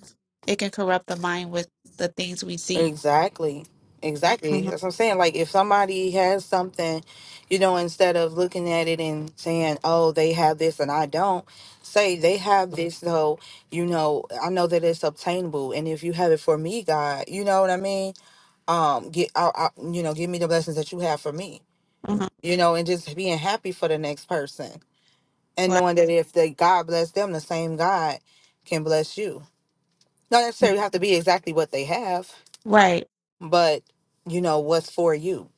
S2: It can corrupt the mind with the things we see.
S1: Exactly. Exactly.
S2: Mhm,
S1: That's what I'm saying. Like if somebody has something, you know, instead of looking at it and saying, Oh, they have this and I don't, say they have this though, you know, I know that it's obtainable and if you have it for me, God, you know what I mean? um get I, I, you know give me the blessings that you have for me
S2: mhm.
S1: you know and just being happy for the next person and
S2: Right,
S1: knowing that if they god bless them the same god can bless you not
S2: Mm-hmm.
S1: necessarily have to be exactly what they have
S2: right,
S1: but you know what's for you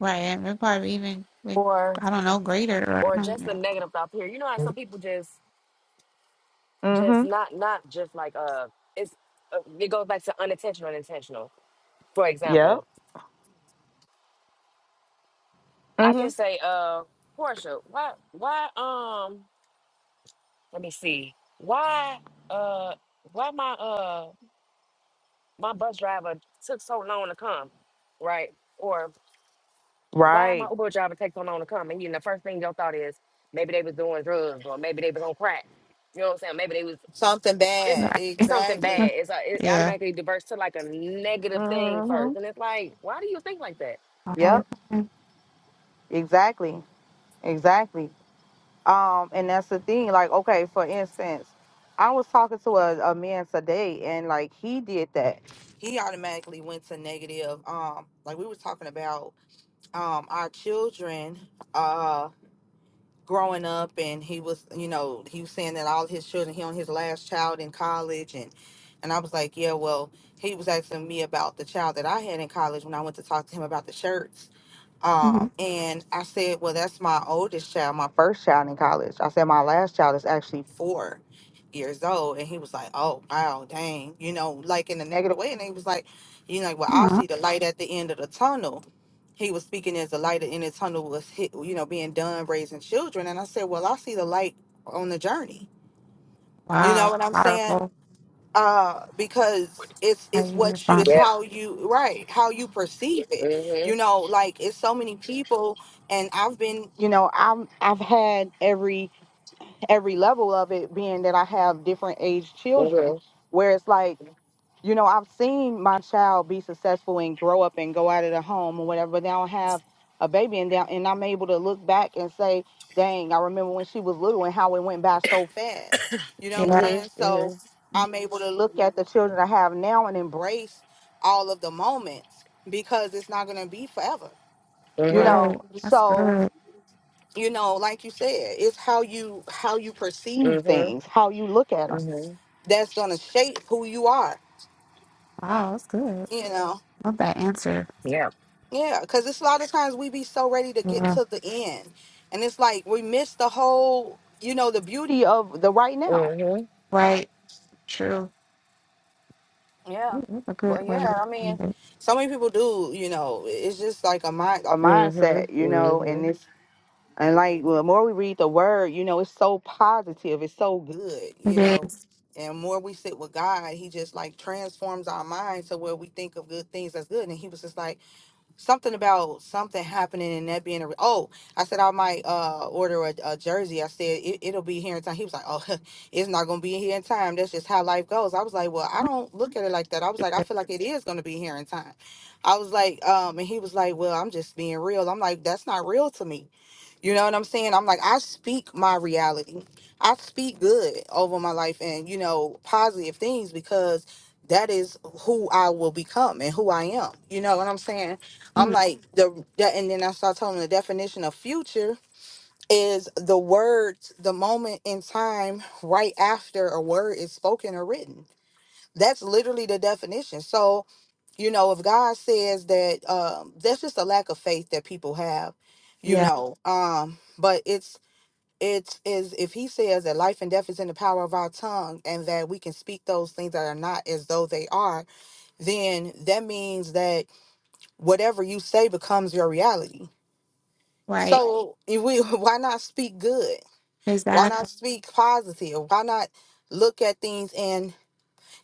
S2: right. And we're probably even like
S4: Or
S2: I don't know, greater. Or, I
S4: or
S2: don't
S4: just a
S2: know.
S4: negative thought here. You know how some people just just
S1: Mm-hmm.
S4: not not just like uh it's uh, it goes back to unintentional and intentional. For
S1: Yep.
S4: example, I
S1: hmm
S4: can say uh Portia, why why um let me see. Why uh why my uh my bus driver took so long to come, right? Why my
S1: Right.
S4: Uber driver takes so long to come? And you know, the first thing your thought is maybe they was doing drugs or maybe they was on crack. You know what I'm saying? Maybe they was
S1: something
S4: it's
S1: bad
S2: Right.
S4: something
S1: exactly
S4: bad. It's a, it
S2: yeah.
S4: automatically diverts to like a negative thing first,
S1: Mm-hmm.
S4: and it's like, why do you think like that?
S2: All the
S1: Yep.
S2: time.
S1: Exactly. Exactly. Um, and that's the thing. Like, okay, for instance, I was talking to a, a man today, and like he did that. He automatically went to negative. Um, like we were talking about um our children uh growing up, and he was, you know, he was saying that all his children, he on his last child in college, and and I was like, yeah, well, he was asking me about the child that I had in college when I went to talk to him about the shirts um,
S2: Mhm.
S1: and I said, well, that's my oldest child, my first child in college. I said, my last child is actually four years old. And he was like, oh, wow, dang, you know, like in a negative way. And he was like, you know, well, I
S2: Aw,
S1: see the light at the end of the tunnel. He was speaking as the light in the tunnel was hit, you know, being done raising children. And I said, well, I see the light on the journey. You know
S2: Wow.
S1: what I'm saying?
S2: Powerful.
S1: uh because it's
S2: How
S1: it's
S2: you
S1: what you it's
S2: responded.
S4: Yep.
S1: how you right how you perceive it
S4: Mhm.
S1: you know like it's so many people and i've been you know i'm i've had every every level of it being that i have different age children
S4: Mhm.
S1: where it's like you know, I've seen my child be successful and grow up and go out of the home or whatever, but they don't have a baby and down and I'm able to look back and say, dang, I remember when she was little and how it went by so fast. You know what I'm
S2: Yeah.
S4: Mhm.
S1: saying? So I'm able to look at the children I have now and embrace all of the moments because it's not gonna be forever. You
S4: Mhm.
S2: Right.
S1: know,
S2: That's
S1: so
S2: good.
S1: you know, like you said, it's how you how you
S4: Mhm.
S1: perceive
S4: Mhm.
S1: things, how you look at them.
S4: Mhm.
S1: That's gonna shape who you are.
S2: Wow. That's good.
S1: You know.
S2: Love that answer.
S4: Yeah.
S1: Yeah, because it's a lot of times we be so ready to get
S2: Yeah.
S1: to the end. And it's like we miss the whole, you know, the beauty of the right now.
S4: Mhm.
S2: Right. True.
S1: Yeah.
S2: Ooh, That's a good
S1: But
S2: way
S1: yeah,
S2: to
S1: I mean,
S2: put it.
S1: so many people do, you know, it's just like a mind a
S4: Mhm.
S1: mindset, you know, and
S4: Mhm.
S1: it's and like well, the more we read the word, you know, it's so positive, it's so good,
S2: It
S1: you know.
S2: is.
S1: And more we sit with God, he just like transforms our mind to where we think of good things as good. And he was just like something about something happening and that being a re- oh i said i might uh order a, a jersey i said it, it'll be here in time he was like oh it's not gonna be here in time that's just how life goes i was like well i
S2: Look
S1: don't look at it like that i was
S2: at
S1: like i
S2: that.
S1: feel like it is gonna be here in time i was like um and he was like well i'm just being real i'm like that's not real to me you know what I'm saying? I'm like, I speak my reality. I speak good over my life and, you know, positive things because that is who I will become and who I am. You know what I'm saying? I'm
S2: Mm,
S1: like the that and then I start telling them the definition of future is the words, the moment in time right after a word is spoken or written. That's literally the definition. So, you know, if God says that, um, that's just a lack of faith that people have, you
S2: Yeah.
S1: know. Um, but it's it's is if He says that life and death is in the power of our tongue, and that we can speak those things that are not as though they are, then that means that whatever you say becomes your reality.
S2: Right.
S1: So if we why not speak good? Why not
S2: Exactly.
S1: speak positive? Why not look at things in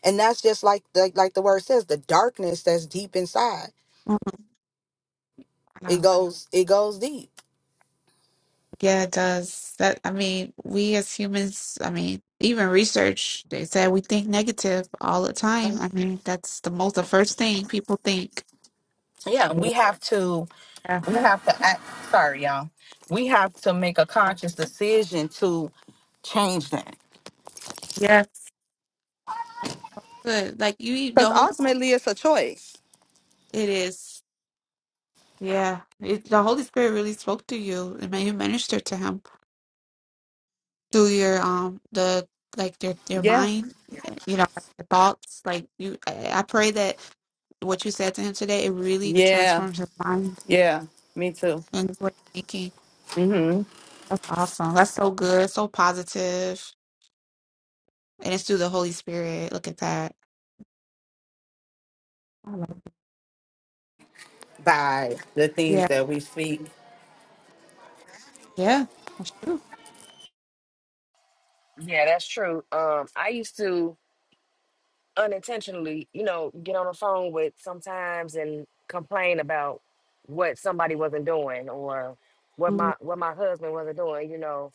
S1: and that's just like the, like the word says the darkness that's deep inside
S2: Oh,
S1: it
S2: wow.
S1: goes it goes deep
S2: Yeah, it does. That I mean, we as humans, I mean, even research, they said we think negative all the time. I mean, that's the most the first thing people think.
S1: yeah we have to
S2: Yeah.
S1: we have to act sorry y'all we have to make a conscious decision to change that
S2: Yes. Good. Like you, the
S1: Because
S2: Holy Spirit,
S1: ultimately, it's a choice.
S2: it is. Yeah. It, the Holy Spirit really spoke to you and may you minister to him. through your um the like your your
S1: Yeah.
S2: mind, you know, like your thoughts. Like you, I I pray that what you said to him today it really
S1: Yeah.
S2: transforms his mind
S1: Yeah. Me too.
S2: and his way of thinking.
S1: hmm
S2: That's awesome. That's so good. So positive, and it's through the Holy Spirit. Look at that. I love it.
S1: by the things
S2: Yeah,
S1: that we speak
S2: yeah, that's true.
S4: Yeah, that's true. Um, I used to. unintentionally, you know, get on the phone with sometimes and complain about what somebody wasn't doing or what
S2: Mm,
S4: my what my husband wasn't doing, you know.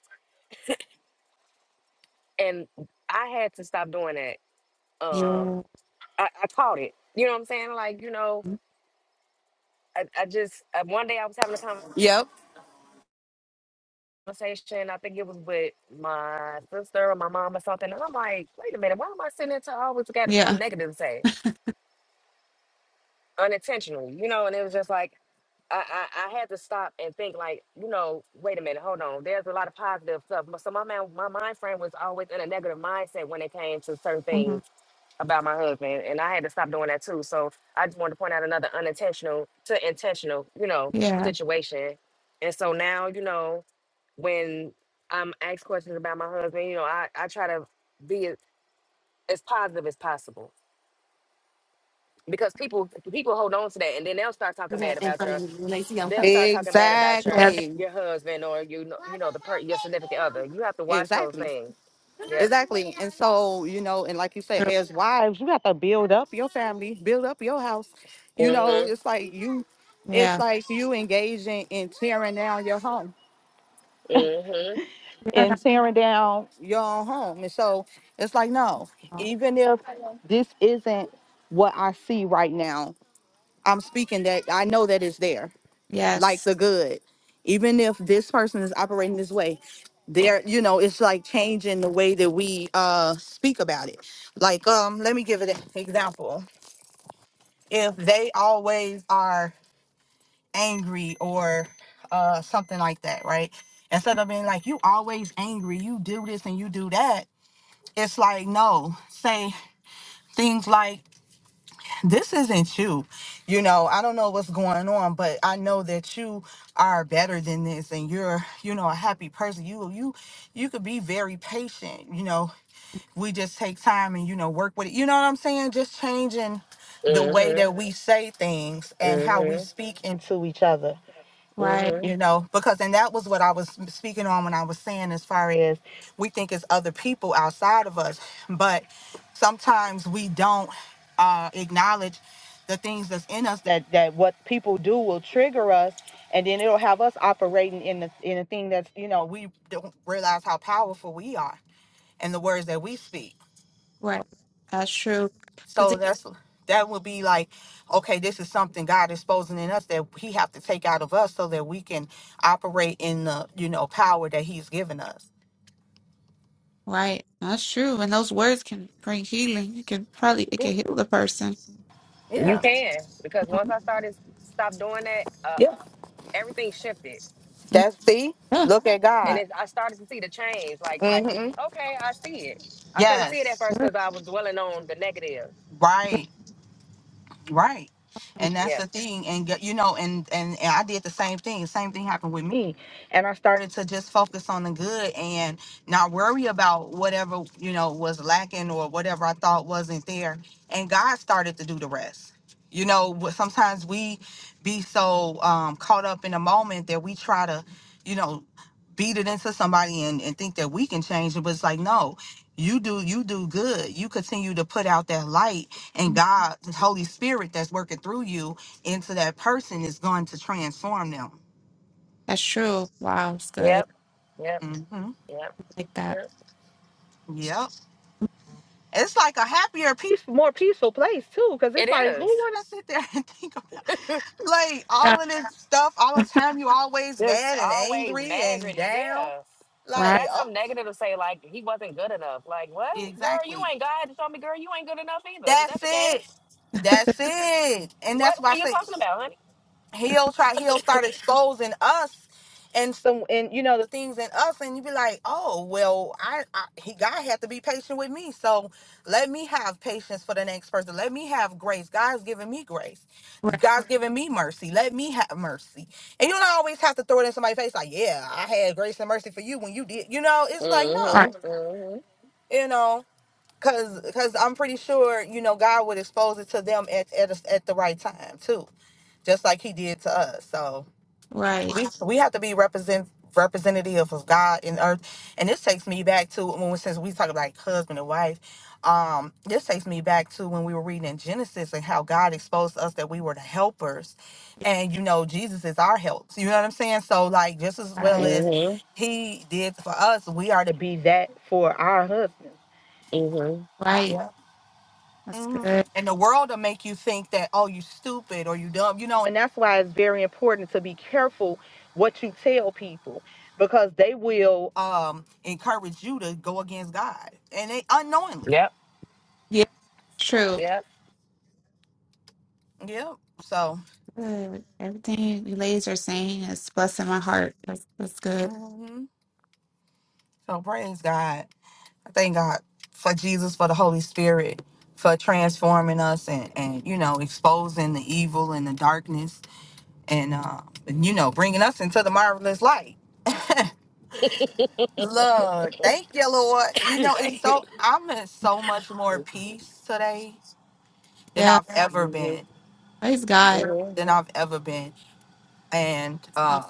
S4: And I had to stop doing that. Uh,
S2: Yeah.
S4: I, I caught it. You know what I'm saying? Like, you know, I, I just uh, one day I was having a
S1: Yep.
S4: conversation. I think it was with my sister or my mom or something, and I'm like, wait a minute, why am I sitting there to always got something
S2: Yeah.
S4: negative to say unintentionally? You know, and it was just like I, I, I had to stop and think like, you know, wait a minute, hold on. There's a lot of positive stuff. But So my man, my mind frame was always in a negative mindset when it came to certain
S2: hmm
S4: things about my husband, and I had to stop doing that too. So I just wanted to point out another unintentional to intentional, you know,
S2: Yeah.
S4: situation. And so now, you know, when I'm asked questions about my husband, you know, I, I try to be as, as positive as possible because people people hold on to that, and then they'll start
S1: You
S4: talking bad
S1: have in
S4: about
S1: front
S4: your
S1: of me when they see I'm
S4: they'll
S1: coming.
S4: start talking bad about
S2: Yeah.
S4: your
S2: That's
S1: Exactly.
S4: your husband or you know you know the per your significant other. You have to watch those
S1: Exactly.
S4: things. Yep.
S1: Exactly. And so, you know, and like you said,
S2: true.
S1: as wives, you have to build up your family, build up your house. You know,
S4: Mhm.
S1: it's like you it's
S2: Yeah.
S1: like you engaging in tearing down your home
S4: Mhm.
S2: Yeah.
S1: and
S2: That's
S1: tearing down your own home. And so it's like, no,
S2: all.
S1: even if this isn't what I see right now, I'm speaking that I know that it's there like
S2: Yes.
S1: the good. Even if this person is operating this way, there, you know, it's like changing the way that we uh speak about it. Like, um, let me give it an example. If they always are angry or uh something like that, right? Instead of being like, you always angry, you do this and you do that, it's like, no, say things like this isn't you. You know, I don't know what's going on, but I know that you are better than this and you're, you know, a happy person. You you you could be very patient, you know. We just take time and you know work with it. You know what I'm saying? Just changing the way
S4: Mhm.
S1: that we say things and how we
S4: Mhm.
S1: speak into each other
S2: Right.
S4: Mhm.
S1: you know because and that was what i was speaking on when i was saying as far as we think it's other people outside of us but sometimes we don't uh acknowledge the things that's in us that that what people do will trigger us and then it'll have us operating in the in a thing that's you know we don't realize how powerful we are and the words that we speak
S2: Right. That's true.
S1: so that's that would be like, okay, this is something God is exposing in us that He have to take out of us so that we can operate in the you know power that He's given us.
S2: Right. That's true. And those words can bring healing. It can probably it
S1: Yeah,
S2: can heal the person.
S4: You
S1: yeah,
S4: can because once
S2: Mhm.
S4: I started stop doing that, uh,
S1: yeah.
S4: everything shifted,
S2: Mm,
S1: That's see,
S2: Yeah.
S1: look at
S4: and
S1: God.
S4: it's, I started to see the change. Like,
S1: hmm
S4: okay, I see it. I couldn't see it at first
S1: Yes,
S4: because
S2: Yeah.
S4: I was dwelling on the negative.
S1: right. Right. And that's
S4: Yeah.
S1: the thing. And get- you know, and, and and I did the same thing. Same thing happened with me. And I started to just focus on the good and not worry about whatever, you know, was lacking or whatever I thought wasn't there. And God started to do the rest. You know, wh- sometimes we be so um caught up in a moment that we try to, you know, beat it into somebody and, and think that we can change it. But it's like, no, you do you do good you continue to put out that light and god the holy spirit that's working through you into that person is going to transform them
S2: That's true. Wow, it's good.
S4: Yep. Yep.
S1: hmm
S4: Yep.
S2: Like that.
S4: Yep.
S1: yep it's like a happier peace more peaceful place too because
S4: It
S1: it's like who
S4: is
S1: want to sit there and think about like
S2: Yeah.
S1: all of this stuff all this time you always
S4: just
S1: mad and
S4: always
S1: angry and
S4: migrating.
S1: down
S4: Yeah. Just
S2: Right.
S1: like
S4: got
S1: oh
S4: something negative to say, like he wasn't good enough. Like what, girl? You
S1: exactly
S4: ain't God to tell me, girl. You ain't good enough either. Is that
S1: that's
S4: the case?
S1: it that's it and
S4: What, what
S1: that's why i
S4: are you
S1: say
S4: talking about, honey?
S1: he'll try he'll start exposing us and some and you know the things in us and you be like oh well I, I he god had to be patient with me so let me have patience for the next person let me have grace god's giving me grace
S2: Right.
S1: god's giving me mercy let me have mercy and you don't always have to throw it in somebody's face like yeah i had grace and mercy for you when you did you know it's like
S2: Right.
S1: no
S4: Mm-hmm. Mm-hmm.
S1: you know because because i'm pretty sure you know god would expose it to them at at, a, at the right time too just like he did to us so
S2: Right.
S1: we we have to be represent representative of God in earth. And this takes me back to when we- since we talk about like husband and wife, um, this takes me back to when we were reading in Genesis and how God exposed us that we were the helpers. And you know, Jesus is our help. You know what I'm saying? So like just as well
S2: Right.
S1: as he did for us, we are to be that for our husbands.
S4: Mm-hmm. Mm-hmm.
S2: Right.
S1: Yeah
S2: That's
S1: hmm
S2: good.
S1: And the world will make you think that, oh, you stupid or you dumb, you know. And that's why it's very important to be careful what you tell people because they will um, encourage you to go against God and they unknowingly.
S4: Yep.
S2: Yeah. True.
S4: Yep.
S1: Yep. So,
S2: Good. Everything you ladies are saying is blessing my heart. That's that's good.
S1: mhm. so praise God. I thank God for Jesus, for the Holy Spirit, for transforming us and, and you know, exposing the evil and the darkness and, uh, and, you know, bringing us into the marvelous light. Look, thank you, Lord. You know, it's
S4: Thank you.
S1: so I'm in so much more peace today than
S2: Yeah.
S1: I've ever
S4: Mm-hmm.
S1: been,
S2: Praise God. It's
S4: Mm-hmm.
S1: than I've ever been. And
S2: all
S1: uh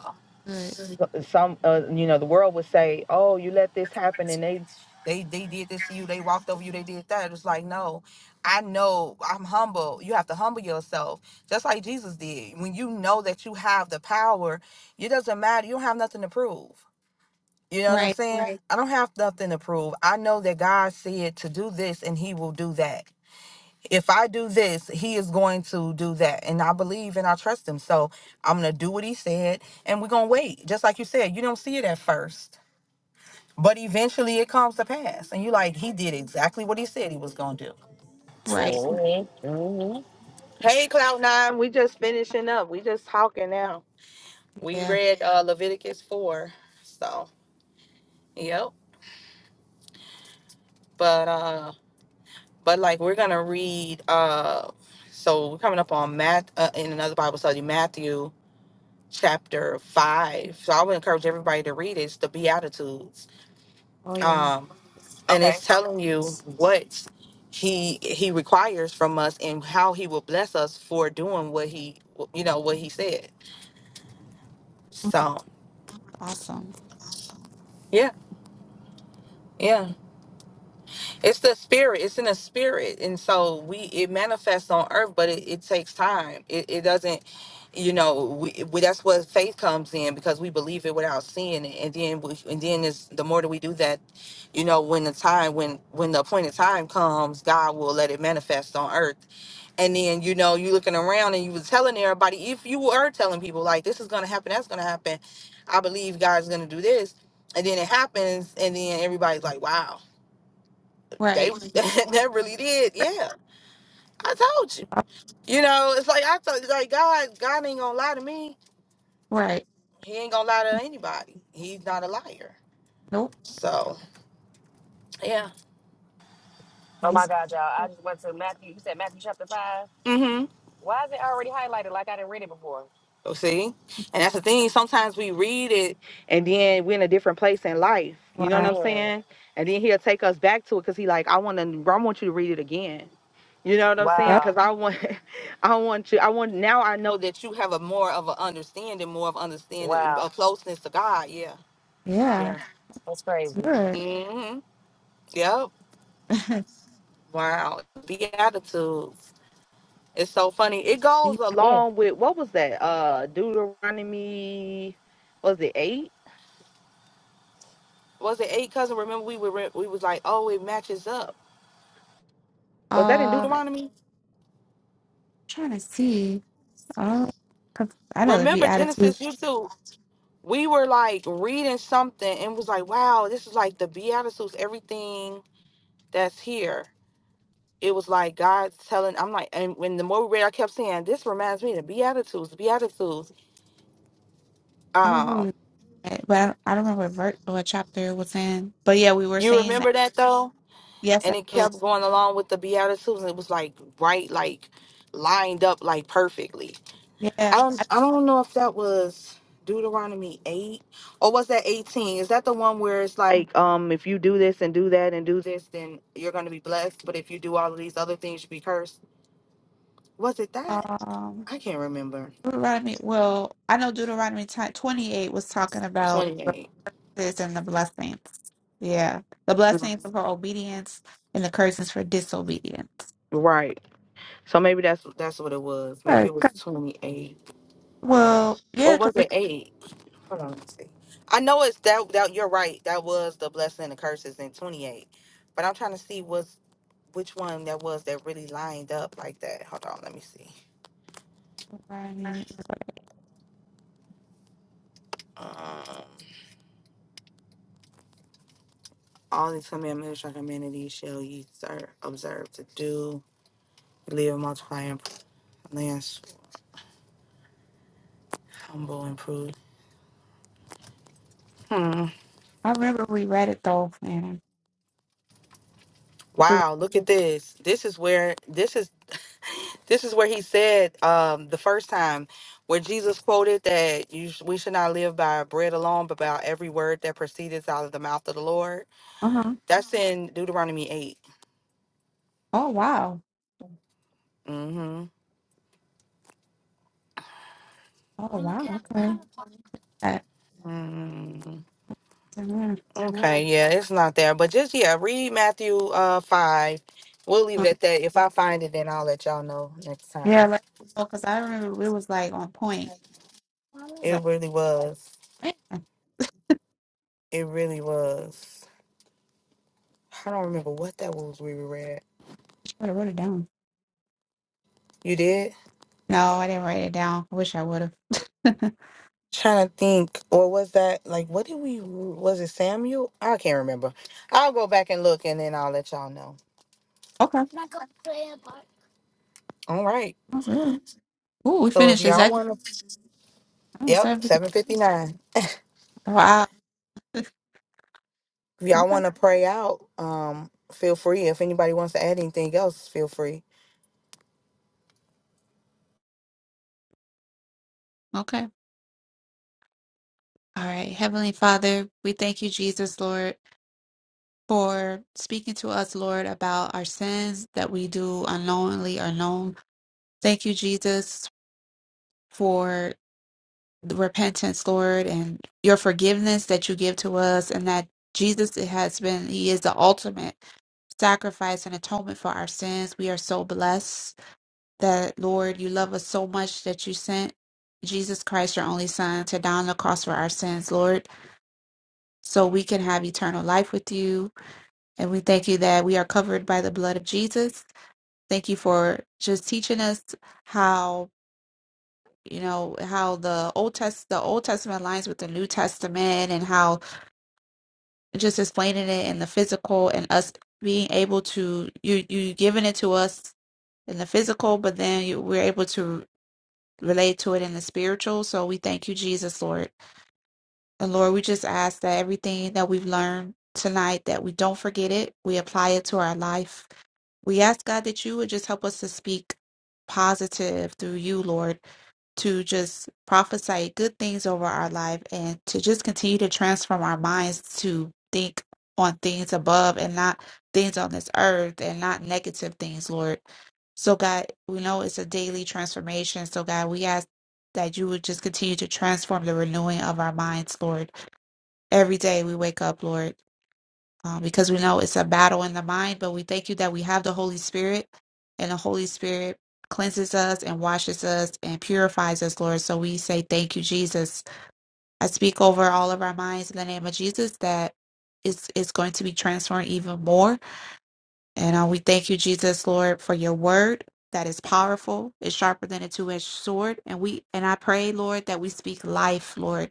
S2: good.
S1: some uh, you know, the world would say, "Oh, you let this happen and they they they did this to you, they walked over you, they did that." It's like, "No. I know I'm humble. You have to humble yourself, just like Jesus did. When you know that you have the power, it doesn't matter. You don't have nothing to prove. You know what I'm
S2: Right.
S1: saying? I don't have nothing to prove. I know that God said to do this and he will do that. If I do this, he is going to do that. And I believe and I trust him. So I'm going to do what he said and we're going to wait. Just like you said, you don't see it at first, but eventually it comes to pass. And you like, he did exactly what he said he was going to do.
S2: Right.
S4: Mm-hmm. Mm-hmm.
S2: That's
S1: Hey,
S2: true.
S1: Cloud Nine, we just finishing up. We just talking now. We
S2: Yeah.
S1: read uh, Leviticus 4. So, yep. But uh but like we're gonna read uh so we're coming up on Matt uh, in another bible study matthew chapter 5 so i would encourage everybody to read it. it's the beatitudes
S2: Oh yeah.
S1: um and
S4: Okay.
S1: it's telling you what he he requires from us and how he will bless us for doing what he you know what he said so
S2: Awesome.
S1: yeah yeah It's the spirit. It's in the spirit, and so we it manifests on earth, but it, it takes time. It, it doesn't, you know. We, we that's what faith comes in because we believe it without seeing it, and then we, and then it's the more that we do that, you know, when the time when when the appointed time comes, God will let it manifest on earth, and then you know you looking around and you was telling everybody if you were telling people like this is gonna happen, that's gonna happen, I believe God's gonna do this, and then it happens, and then everybody's like, wow they
S2: Right.
S1: that really did. Yeah, I told you. You know, it's like I thought. Like God, God ain't gonna lie to me.
S2: Right.
S1: He ain't gonna lie to anybody. He's not a liar.
S2: Nope.
S1: So yeah.
S4: Oh my
S2: Praise God.
S4: God, y'all! I just went to Matthew. You said Matthew chapter five.
S1: Mm-hmm.
S4: Why is it already highlighted like I didn't read it before?
S1: So see, and that's the thing. Sometimes we read it, and then we're in a different place in life. You know what
S2: Wow.
S1: I'm
S4: Mm.
S1: saying? And then he'll take us back to it because he like, I want to. I want you to read it again. You know what I'm saying?
S2: Yep.
S1: Because
S4: Wow.
S1: I want, I want you. I want now. I know that you have a more of an understanding, more of understanding,
S4: Wow.
S1: a closeness to God. Yeah
S2: Yeah,
S4: That's crazy.
S2: good.
S1: hmm Yep.
S2: um,
S1: Wow. Beatitudes. It's so funny. It goes
S4: Mm.
S1: along with what was that? Uh Deuteronomy was it eight? Was it eight cousin? Remember we were re- we was like, oh, it matches up. Was that in
S2: I'm
S1: Deuteronomy?
S2: trying to see. I don't, 'cause I know it'd be
S1: Remember
S2: attitude.
S1: Genesis you too. We were like reading something and was like, wow, this is like the Beatitudes, everything that's here. It was like God telling I'm like and when the more we read I kept saying, This reminds me of the Beatitudes, Beatitudes.
S2: I don't
S1: Um,
S2: remember, that, but I don't, I don't remember what, ver- what chapter it was in. But yeah, we were
S1: You
S2: saying that.
S1: remember that though?
S2: Yes, I
S1: And it
S2: do.
S1: kept going along with the Beatitudes and it was like right like lined up like perfectly.
S2: Yeah.
S1: I don't
S2: I,
S1: I don't know if that was Deuteronomy eight or was that eighteen? Is that the one where it's like um if you do this and do that and do this then you're gonna be blessed, but if you do all of these other things you'll be cursed. Was it that?
S2: um,
S1: I can't remember.
S2: Deuteronomy. Well, I know Deuteronomy ti- 28 was talking about
S1: Twenty eight.
S2: curses and the blessings. Yeah, the blessings are for obedience and the curses for disobedience.
S1: Right. So maybe that's that's what it was. Maybe
S2: Right.
S1: it
S2: 'cause-
S1: was twenty eight.
S2: Well,
S1: Or
S2: yeah, because
S1: was it
S2: it's
S1: eight? Hold on, let's see. I know it's that that you're right. That was the blessing and the curses in 28. But I'm trying to see what's which one that was that really lined up like that. Hold on, let me see.
S2: Deuteronomy.
S1: Um, all these commandments and communities shall ye ser- observe to do, live, multiply, and lands humble and prove. Hmm.
S2: I remember we read it though, and uh
S1: Wow, look at this. This is where this is. This is where he said um, the first time where Jesus quoted that you sh- we should not live by bread alone, but by every word that proceedeth out of the mouth of the Lord.
S2: huh.
S1: That's in Deuteronomy 8.
S2: Oh wow.
S1: Mm-hmm.
S2: Oh wow. Okay. That,
S1: Mm,
S2: yeah,
S1: okay, yeah, it's not there, but just yeah, read Matthew uh five. We'll leave it at that. If I find it, then I'll let y'all know next time.
S2: yeah. Like, oh, because I remember we was like on point. I was
S1: It
S2: like,
S1: really was.
S2: man, I
S1: It really was. I don't remember what that was we read.
S2: should have wrote it down.
S1: You did?
S2: No, I didn't write it down. I wish I would have.
S1: trying to think, or was that like what did we was it Samuel? I can't remember. I'll go back and look and then I'll let y'all know.
S2: okay.
S1: All right.
S2: That's good. Ooh, we
S1: So if
S2: finished
S1: y'all
S2: exactly.
S1: wanna
S2: Oh,
S1: Yep,
S2: so we can-
S1: seven fifty nine.
S2: Wow.
S1: If y'all
S2: Okay.
S1: wanna pray out, um, feel free. If anybody wants to add anything else, feel free.
S2: Okay. All right. Heavenly Father, we thank you, Jesus, Lord, for speaking to us, Lord, about our sins that we do unknowingly or known. Thank you, Jesus, for the repentance, Lord, and your forgiveness that you give to us, and that Jesus has been, He is the ultimate sacrifice and atonement for our sins. We are so blessed that, Lord, you love us so much that you sent Jesus Christ, your only Son, to die on the cross for our sins, Lord, so we can have eternal life with you. And we thank you that we are covered by the blood of Jesus. Thank you for just teaching us how. you know how the old test the old testament aligns with the new testament and how just explaining it in the physical and us being able to you you giving it to us in the physical but then you, we're able to relate to it in the spiritual so we thank you jesus lord and lord we just ask that everything that we've learned tonight that we don't forget it we apply it to our life We ask God that you would just help us to speak positive through you, Lord, to just prophesy good things over our life and to just continue to transform our minds to think on things above and not things on this earth and not negative things, Lord. So, God, we know it's a daily transformation. So, God, we ask that you would just continue to transform the renewing of our minds, Lord. Every day we wake up, Lord um, because we know it's a battle in the mind. But we thank you that we have the Holy Spirit, and the Holy Spirit cleanses us and washes us and purifies us, Lord. So we say thank you, Jesus. I speak over all of our minds in the name of Jesus that it's, it's going to be transformed even more. And uh, we thank you, Jesus, Lord, for your word. That is powerful. is sharper than a two-edged sword, and we and I pray, Lord, that we speak life, Lord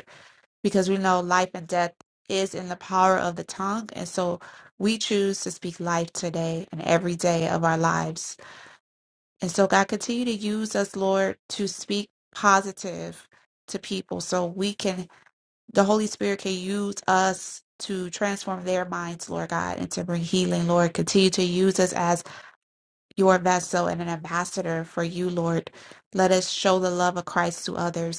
S2: because we know life and death is in the power of the tongue. And so we choose to speak life today and every day of our lives. And so, God, continue to use us, Lord, to speak positive to people so we can, the Holy Spirit can use us to transform their minds, Lord God, and to bring healing, Lord. Continue to use us as your vessel and an ambassador for you, Lord. Let us show the love of Christ to others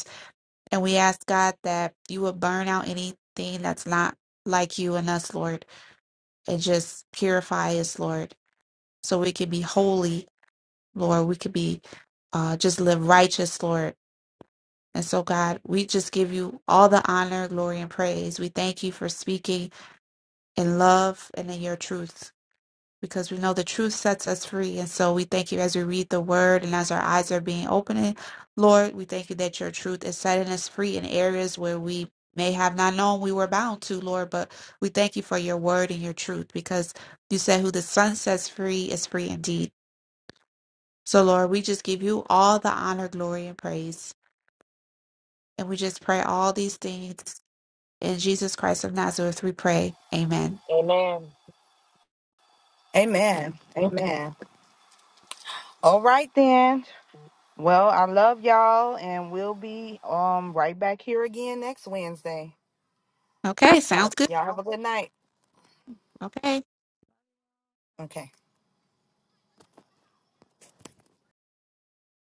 S2: and we ask God that you would burn out anything that's not like you in us, Lord, and just purify us, Lord, so we can be holy, Lord. We could be uh, just live righteous, Lord. And so, God, we just give you all the honor, glory, and praise. We thank you for speaking in love and in your truth. because we know the truth sets us free. And so we thank you as we read the word and as our eyes are being opened. Lord, we thank you that your truth is setting us free in areas where we may have not known we were bound to, Lord. But we thank you for your word and your truth because you said, Who the Son sets free is free indeed. So, Lord, we just give you all the honor, glory, and praise. And we just pray all these things in Jesus Christ of Nazareth. We pray. Amen.
S4: Amen.
S1: Amen. Amen. All right then. Well, I love y'all and we'll be um right back here again next Wednesday.
S2: Okay,
S1: So
S2: sounds good.
S1: y'all have a good night.
S2: Okay.
S1: Okay.